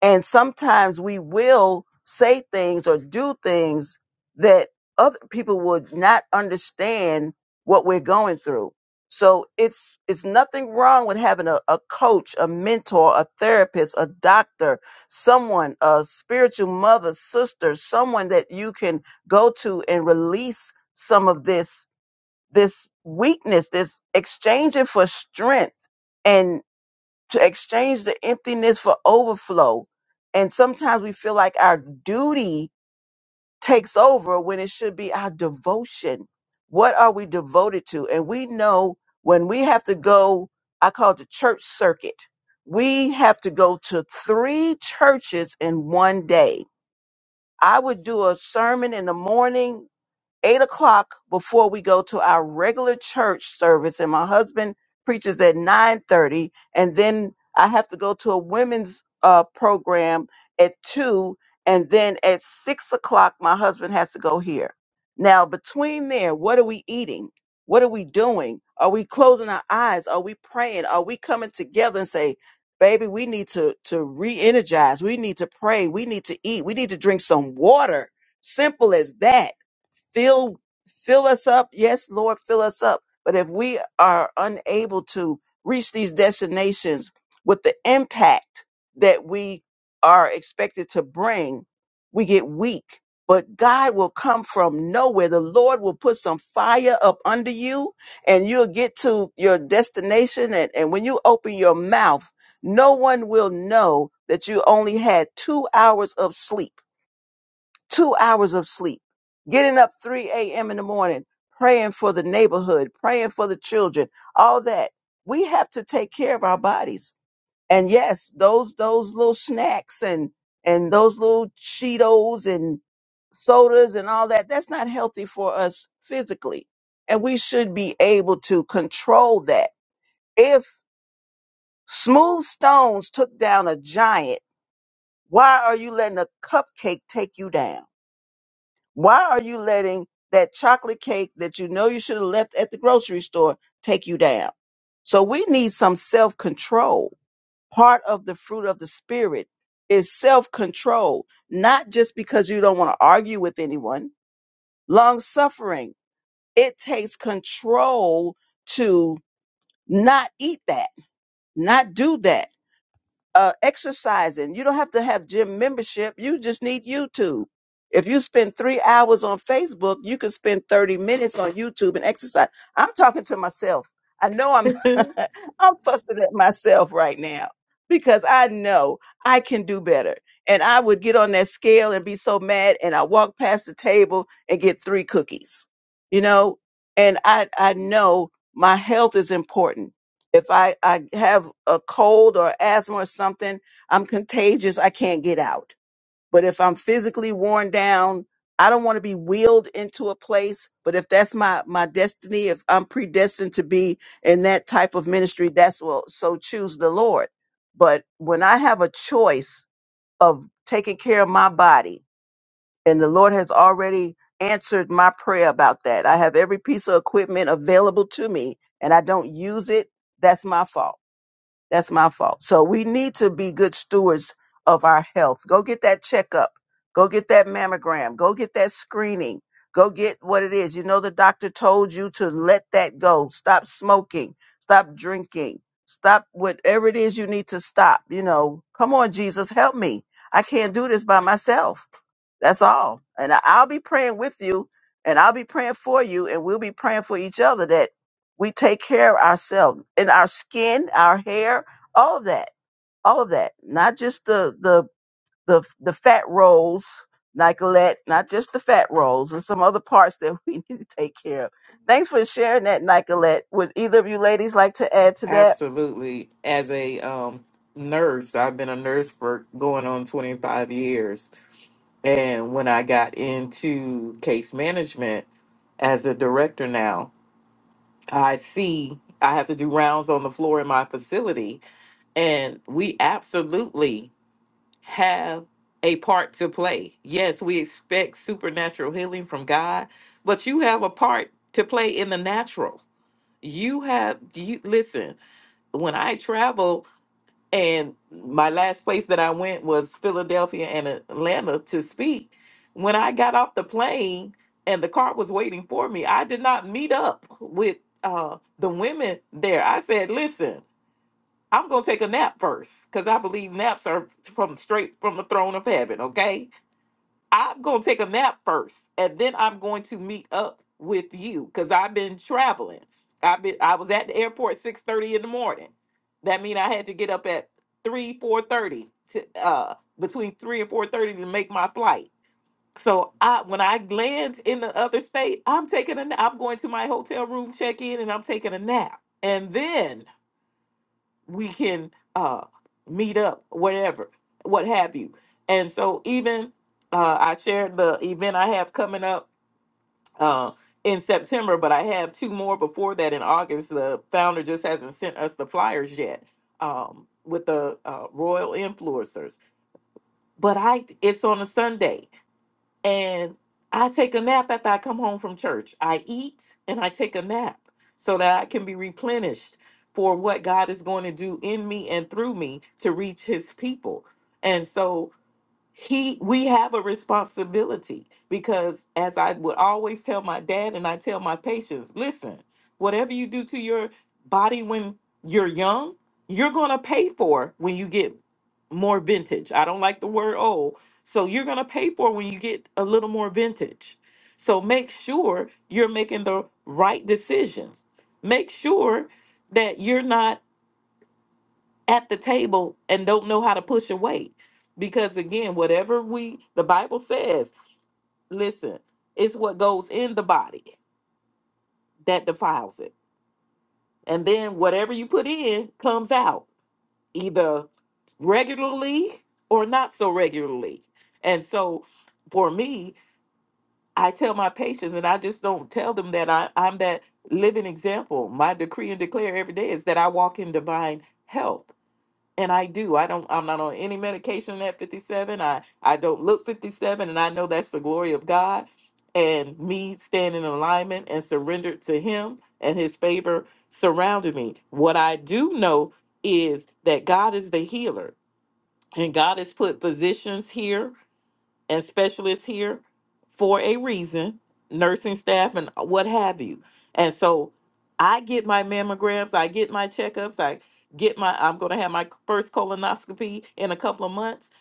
[SPEAKER 1] And sometimes we will say things or do things that other people would not understand what we're going through. So it's it's nothing wrong with having a, a coach, a mentor, a therapist, a doctor, someone, a spiritual mother, sister, someone that you can go to and release some of this this weakness, this exchange it for strength to exchange the emptiness for overflow. And sometimes we feel like our duty takes over when it should be our devotion. What are we devoted to? And we know when we have to go, I call it the church circuit. We have to go to three churches in one day. I would do a sermon in the morning, eight o'clock before we go to our regular church service and my husband preaches at 9.30 and then i have to go to a women's uh, program at 2 and then at 6 o'clock my husband has to go here now between there what are we eating what are we doing are we closing our eyes are we praying are we coming together and say baby we need to to re-energize we need to pray we need to eat we need to drink some water simple as that fill fill us up yes lord fill us up but if we are unable to reach these destinations with the impact that we are expected to bring we get weak but god will come from nowhere the lord will put some fire up under you and you'll get to your destination and, and when you open your mouth no one will know that you only had two hours of sleep two hours of sleep, getting up 3 a.m. in the morning, praying for the neighborhood, praying for the children, all that. We have to take care of our bodies. And yes, those those little snacks and and those little Cheetos and sodas and all that, that's not healthy for us physically. And we should be able to control that. If Smooth Stones took down a giant, why are you letting a cupcake take you down? Why are you letting that chocolate cake that you know you should have left at the grocery store take you down? So we need some self control. Part of the fruit of the spirit is self control, not just because you don't want to argue with anyone. Long suffering, it takes control to not eat that, not do that uh, exercising. You don't have to have gym membership. You just need YouTube. If you spend three hours on Facebook, you can spend 30 minutes on YouTube and exercise. I'm talking to myself. I know I'm I'm fussing at myself right now because I know I can do better. And I would get on that scale and be so mad and I walk past the table and get three cookies. You know? And I I know my health is important if I, I have a cold or asthma or something, I'm contagious. I can't get out. But if I'm physically worn down, I don't want to be wheeled into a place. But if that's my, my destiny, if I'm predestined to be in that type of ministry, that's what, so choose the Lord. But when I have a choice of taking care of my body and the Lord has already answered my prayer about that, I have every piece of equipment available to me and I don't use it. That's my fault that's my fault. So we need to be good stewards of our health. Go get that checkup. Go get that mammogram. Go get that screening. Go get what it is. You know, the doctor told you to let that go. Stop smoking. Stop drinking. Stop whatever it is you need to stop. You know, come on, Jesus, help me. I can't do this by myself. That's all. And I- I'll be praying with you and I'll be praying for you and we'll be praying for each other we take care of ourselves and our skin, our hair, all of that, all of that. Not just the the the the fat rolls, Nicolette. Not just the fat rolls and some other parts that we need to take care of. Thanks for sharing that, Nicolette. Would either of you ladies like to add to that?
[SPEAKER 3] Absolutely. As a um, nurse, I've been a nurse for going on 25 years. And when I got into case management as a director now, I see I have to do rounds on the floor in my facility. And we absolutely have a part to play. Yes, we expect supernatural healing from God, but you have a part to play in the natural you have you listen when i travel and my last place that i went was philadelphia and atlanta to speak when i got off the plane and the car was waiting for me i did not meet up with uh the women there i said listen i'm gonna take a nap first because i believe naps are from straight from the throne of heaven okay I'm going to take a nap first and then I'm going to meet up with you cuz I've been traveling. I've been I was at the airport 6:30 in the morning. That mean I had to get up at 3 4:30 to uh between 3 and 4:30 to make my flight. So I when I land in the other state, I'm taking a na- I'm going to my hotel room check in and I'm taking a nap. And then we can uh meet up whatever what have you and so even uh i shared the event i have coming up uh in september but i have two more before that in august the founder just hasn't sent us the flyers yet um with the uh, royal influencers but i it's on a sunday and I take a nap after I come home from church. I eat and I take a nap so that I can be replenished for what God is going to do in me and through me to reach his people. And so he we have a responsibility because as i would always tell my dad and i tell my patients listen whatever you do to your body when you're young you're going to pay for when you get more vintage i don't like the word old so you're going to pay for when you get a little more vintage so make sure you're making the right decisions make sure that you're not at the table and don't know how to push away. Because again, whatever we, the Bible says, listen, it's what goes in the body that defiles it. And then whatever you put in comes out, either regularly or not so regularly. And so for me, I tell my patients, and I just don't tell them that I, I'm that living example. My decree and declare every day is that I walk in divine health. and I do. I don't. I'm not on any medication at 57. I I don't look 57, and I know that's the glory of God. And me standing in alignment and surrendered to Him and His favor surrounded me. What I do know is that God is the healer, and God has put physicians here and specialists here for a reason, nursing staff and what have you. And so I get my mammograms, I get my checkups, I get my I'm going to have my first colonoscopy in a couple of months.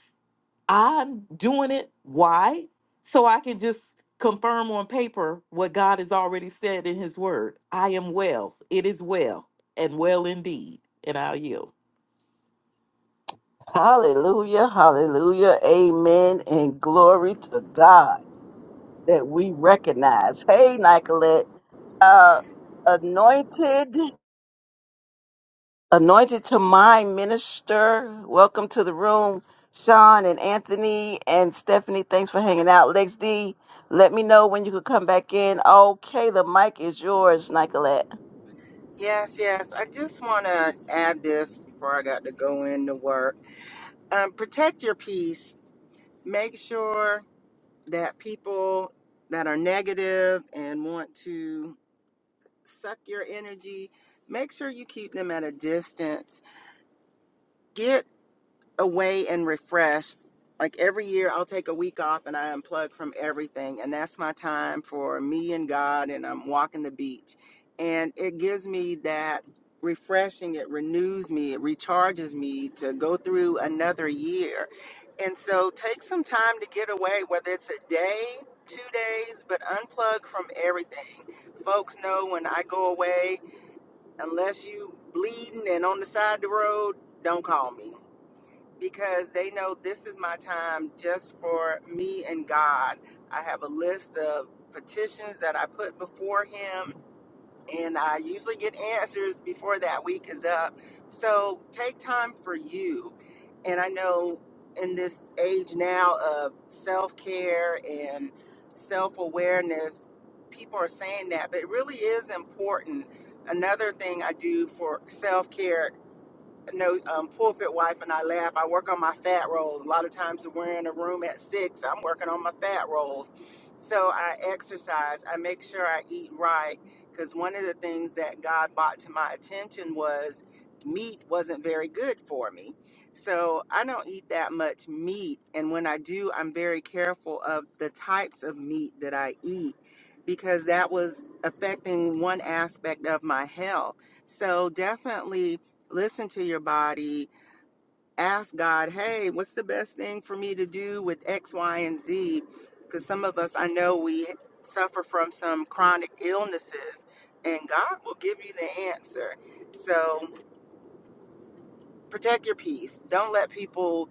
[SPEAKER 3] I'm doing it why? So I can just confirm on paper what God has already said in his word. I am well. It is well and well indeed. And I'll yield.
[SPEAKER 1] Hallelujah, hallelujah, amen, and glory to God that we recognize. Hey, Nicolette, uh, anointed. Anointed to my minister. Welcome to the room, Sean and Anthony and Stephanie. Thanks for hanging out. Lex D, let me know when you could come back in. Okay, the mic is yours, Nicolette.
[SPEAKER 5] Yes, yes. I just want to add this before I got to go into work. Um, protect your peace. Make sure that people that are negative and want to suck your energy, make sure you keep them at a distance. Get away and refreshed. Like every year, I'll take a week off and I unplug from everything. And that's my time for me and God. And I'm walking the beach. And it gives me that refreshing, it renews me, it recharges me to go through another year. And so take some time to get away, whether it's a day, two days, but unplug from everything. Folks know when I go away, unless you bleeding and on the side of the road, don't call me because they know this is my time just for me and God. I have a list of petitions that I put before Him, and I usually get answers before that week is up. So take time for you. And I know in this age now of self care and self awareness, people are saying that, but it really is important. Another thing I do for self care no um, pulpit wife and I laugh. I work on my fat rolls. A lot of times we're in a room at six. I'm working on my fat rolls. So I exercise. I make sure I eat right because one of the things that God brought to my attention was meat wasn't very good for me. So I don't eat that much meat. And when I do, I'm very careful of the types of meat that I eat because that was affecting one aspect of my health. So definitely listen to your body, ask God, hey, what's the best thing for me to do with X, Y, and Z? Because some of us, I know we suffer from some chronic illnesses, and God will give you the answer. So protect your peace. Don't let people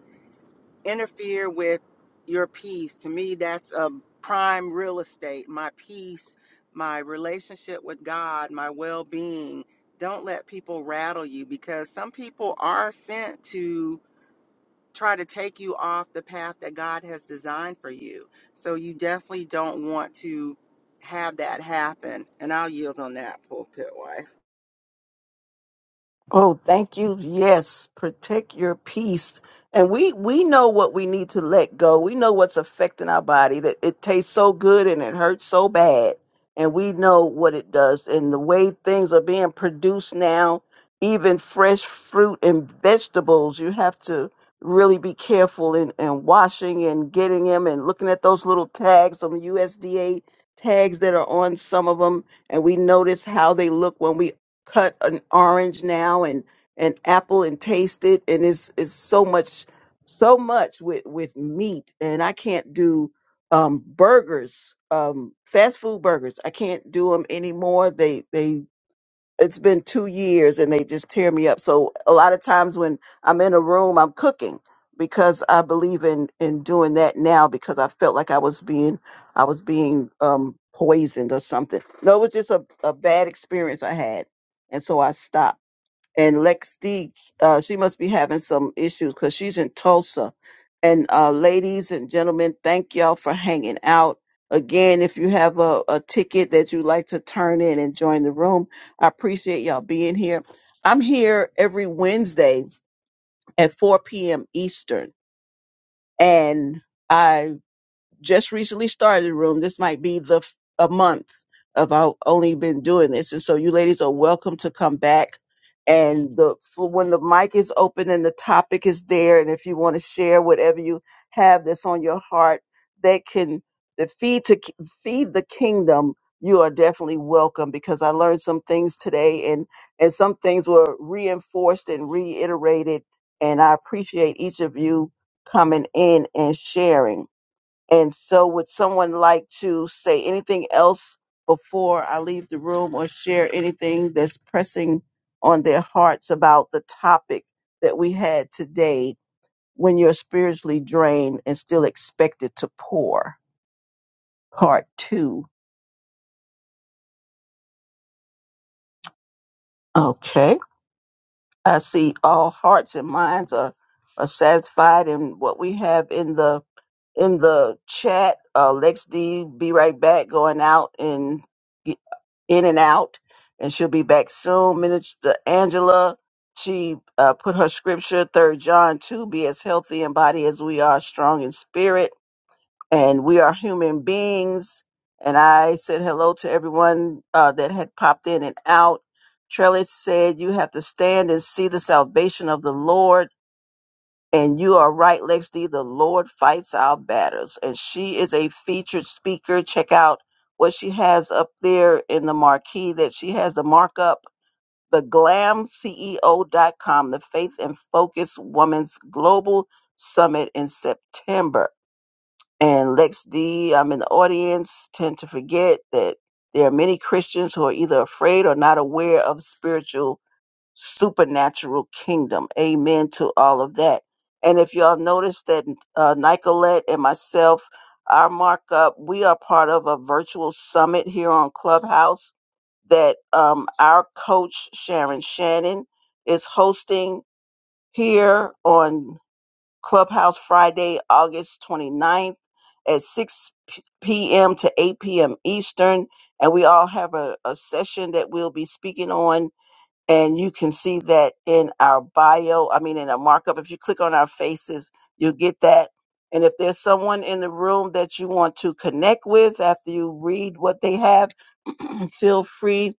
[SPEAKER 5] interfere with your peace. To me, that's a prime real estate. My peace, my relationship with God, my well being. Don't let people rattle you because some people are sent to try to take you off the path that God has designed for you. So you definitely don't want to have that happen. And I'll yield on that, pulpit wife.
[SPEAKER 1] Oh, thank you. Yes, protect your peace. And we we know what we need to let go. We know what's affecting our body that it tastes so good and it hurts so bad. And we know what it does and the way things are being produced now, even fresh fruit and vegetables, you have to really be careful in, in washing and getting them and looking at those little tags, them USDA tags that are on some of them and we notice how they look when we cut an orange now and an apple and taste it and it's it's so much so much with with meat and I can't do um burgers um fast food burgers I can't do them anymore they they it's been two years and they just tear me up. So a lot of times when I'm in a room, I'm cooking because I believe in in doing that now because I felt like I was being I was being um poisoned or something. No, it was just a, a bad experience I had. And so I stopped and Lex D, uh, she must be having some issues because she's in Tulsa. And uh, ladies and gentlemen, thank y'all for hanging out. Again, if you have a, a ticket that you'd like to turn in and join the room, I appreciate y'all being here. I'm here every Wednesday at 4 p.m. Eastern, and I just recently started room. This might be the f- a month of I've only been doing this, and so you ladies are welcome to come back. And the for when the mic is open and the topic is there, and if you want to share whatever you have that's on your heart, that can that feed to ki- feed the kingdom. You are definitely welcome because I learned some things today, and and some things were reinforced and reiterated. And I appreciate each of you coming in and sharing. And so, would someone like to say anything else before I leave the room or share anything that's pressing on their hearts about the topic that we had today when you're spiritually drained and still expected to pour? Part two. Okay. I see all hearts and minds are, are satisfied in what we have in the in the chat. Uh, Lex D, be right back, going out and in and out, and she'll be back soon. Minister Angela, she uh, put her scripture, Third John 2, be as healthy in body as we are strong in spirit. And we are human beings. And I said hello to everyone uh, that had popped in and out. Trellis said, You have to stand and see the salvation of the Lord. And you are right, Lexi. The Lord fights our battles. And she is a featured speaker. Check out what she has up there in the marquee that she has the markup, the glamceo.com, the Faith and Focus Women's Global Summit in September. And Lex D, I'm in the audience, tend to forget that there are many Christians who are either afraid or not aware of spiritual supernatural kingdom. Amen to all of that. And if y'all notice that uh, Nicolette and myself, our markup, we are part of a virtual summit here on Clubhouse that um, our coach, Sharon Shannon, is hosting here on Clubhouse Friday, August 29th at 6 p- p.m. to 8 p.m. Eastern. And we all have a, a session that we'll be speaking on and you can see that in our bio i mean in a markup if you click on our faces you'll get that and if there's someone in the room that you want to connect with after you read what they have feel free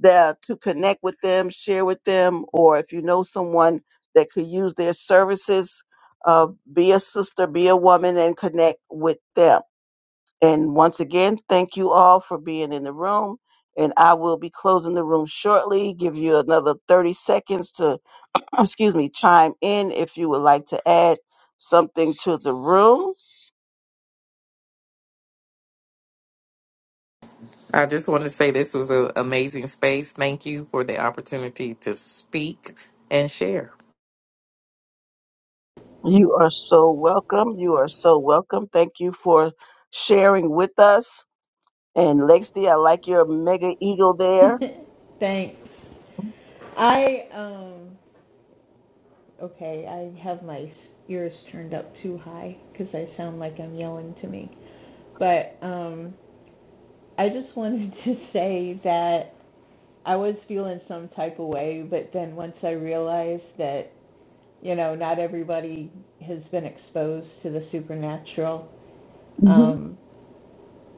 [SPEAKER 1] there to connect with them share with them or if you know someone that could use their services uh, be a sister be a woman and connect with them and once again, thank you all for being in the room. And I will be closing the room shortly, give you another 30 seconds to, excuse me, chime in if you would like to add something to the room.
[SPEAKER 3] I just want to say this was an amazing space. Thank you for the opportunity to speak and share.
[SPEAKER 1] You are so welcome. You are so welcome. Thank you for sharing with us. And Lexi, I like your mega eagle there.
[SPEAKER 2] Thanks. I um okay, I have my ears turned up too high because I sound like I'm yelling to me, but um. I just wanted to say that I was feeling some type of way, but then once I realized that, you know, not everybody has been exposed to the supernatural,
[SPEAKER 1] hmm
[SPEAKER 2] um,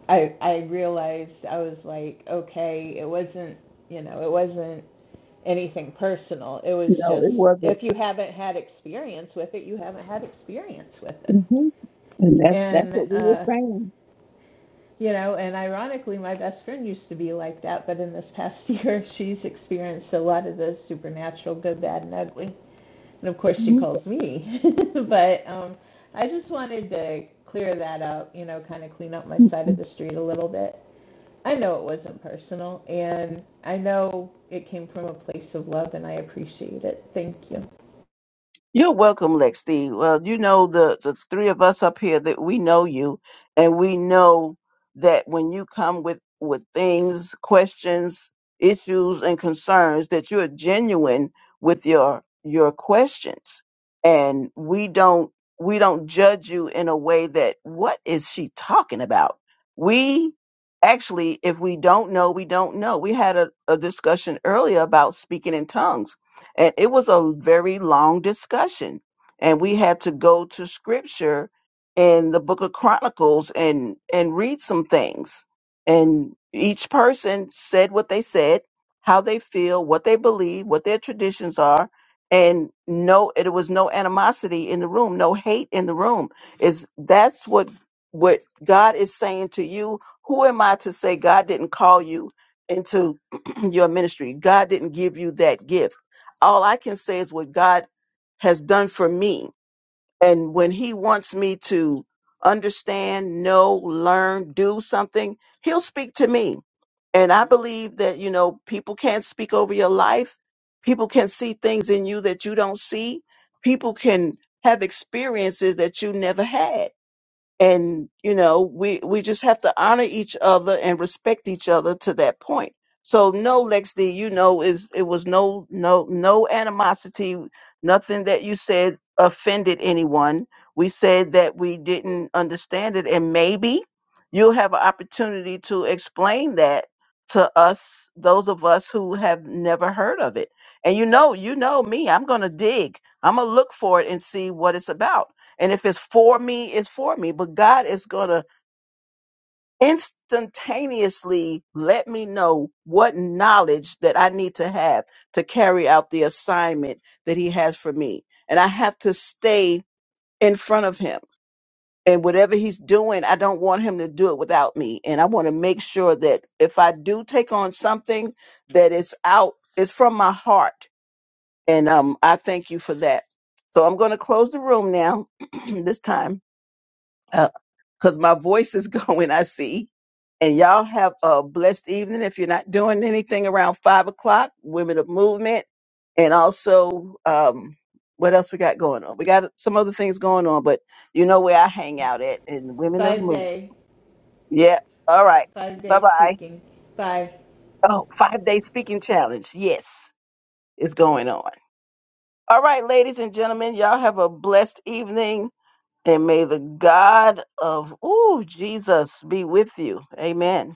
[SPEAKER 2] I, I realized I was like, okay, it wasn't, you know, it wasn't anything personal. It was
[SPEAKER 1] No,
[SPEAKER 2] just,
[SPEAKER 1] it wasn't.
[SPEAKER 2] if you haven't had experience with it, you haven't had experience with it.
[SPEAKER 1] hmm And that's that's
[SPEAKER 2] And,
[SPEAKER 1] what we were
[SPEAKER 2] uh,
[SPEAKER 1] saying.
[SPEAKER 2] you know, and ironically, my best friend used to be like that, but in this past year, she's experienced a lot of the supernatural, good, bad, and ugly And of course, she
[SPEAKER 1] Mhm.
[SPEAKER 2] calls me. but um, I just wanted to clear that up, you know, kind of clean up my side of the street a little bit. I know it wasn't personal, and I know it came from a place of love, and I appreciate it. Thank you.
[SPEAKER 1] You're welcome, Lexi. Well, you know the the three of us up here that we know you, and we know that when you come with with things, questions, issues, and concerns, that you're genuine with your your questions, and we don't we don't judge you in a way that what is she talking about? We actually, if we don't know, we don't know. We had a, a discussion earlier about speaking in tongues and it was a very long discussion. And we had to go to scripture in the book of Chronicles and, and read some things. And each person said what they said, how they feel, what they believe, what their traditions are. And no, it was no animosity in the room, no hate in the room. Is that's what what God is saying to you. Who am I to say God didn't call you into your ministry? God didn't give you that gift all I can say is what God has done for me. And when He wants me to understand, know, learn, do something, He'll speak to me. And I believe that, you know, people can't speak over your life. People can see things in you that you don't see. People can have experiences that you never had and you know we we just have to honor each other and respect each other to that point so no lex d you know is it was no no no animosity nothing that you said offended anyone we said that we didn't understand it and maybe you'll have an opportunity to explain that to us those of us who have never heard of it and you know you know me i'm gonna dig i'm gonna look for it and see what it's about and if it's for me, it's for me. But God is going to instantaneously let me know what knowledge that I need to have to carry out the assignment that He has for me. And I have to stay in front of Him. And whatever He's doing, I don't want Him to do it without me. And I want to make sure that if I do take on something that is out, it's from my heart. And um, I thank you for that. So I'm going to close the room now this time. because my voice is going, I see. And y'all have a blessed evening. If you're not doing anything around five o'clock, Women of Movement, and also um, what else we got going on? We got some other things going on, but you know where I hang out at in Women of
[SPEAKER 2] Five
[SPEAKER 1] Movement.
[SPEAKER 2] day,
[SPEAKER 1] Yeah. All right.
[SPEAKER 2] five day
[SPEAKER 1] Bye bye.
[SPEAKER 2] speaking. Bye.
[SPEAKER 1] Oh, five day speaking challenge. Yes, it's going on. All right, ladies and gentlemen, y'all have a blessed evening, and may the God of ooh Jesus be with you. Amen.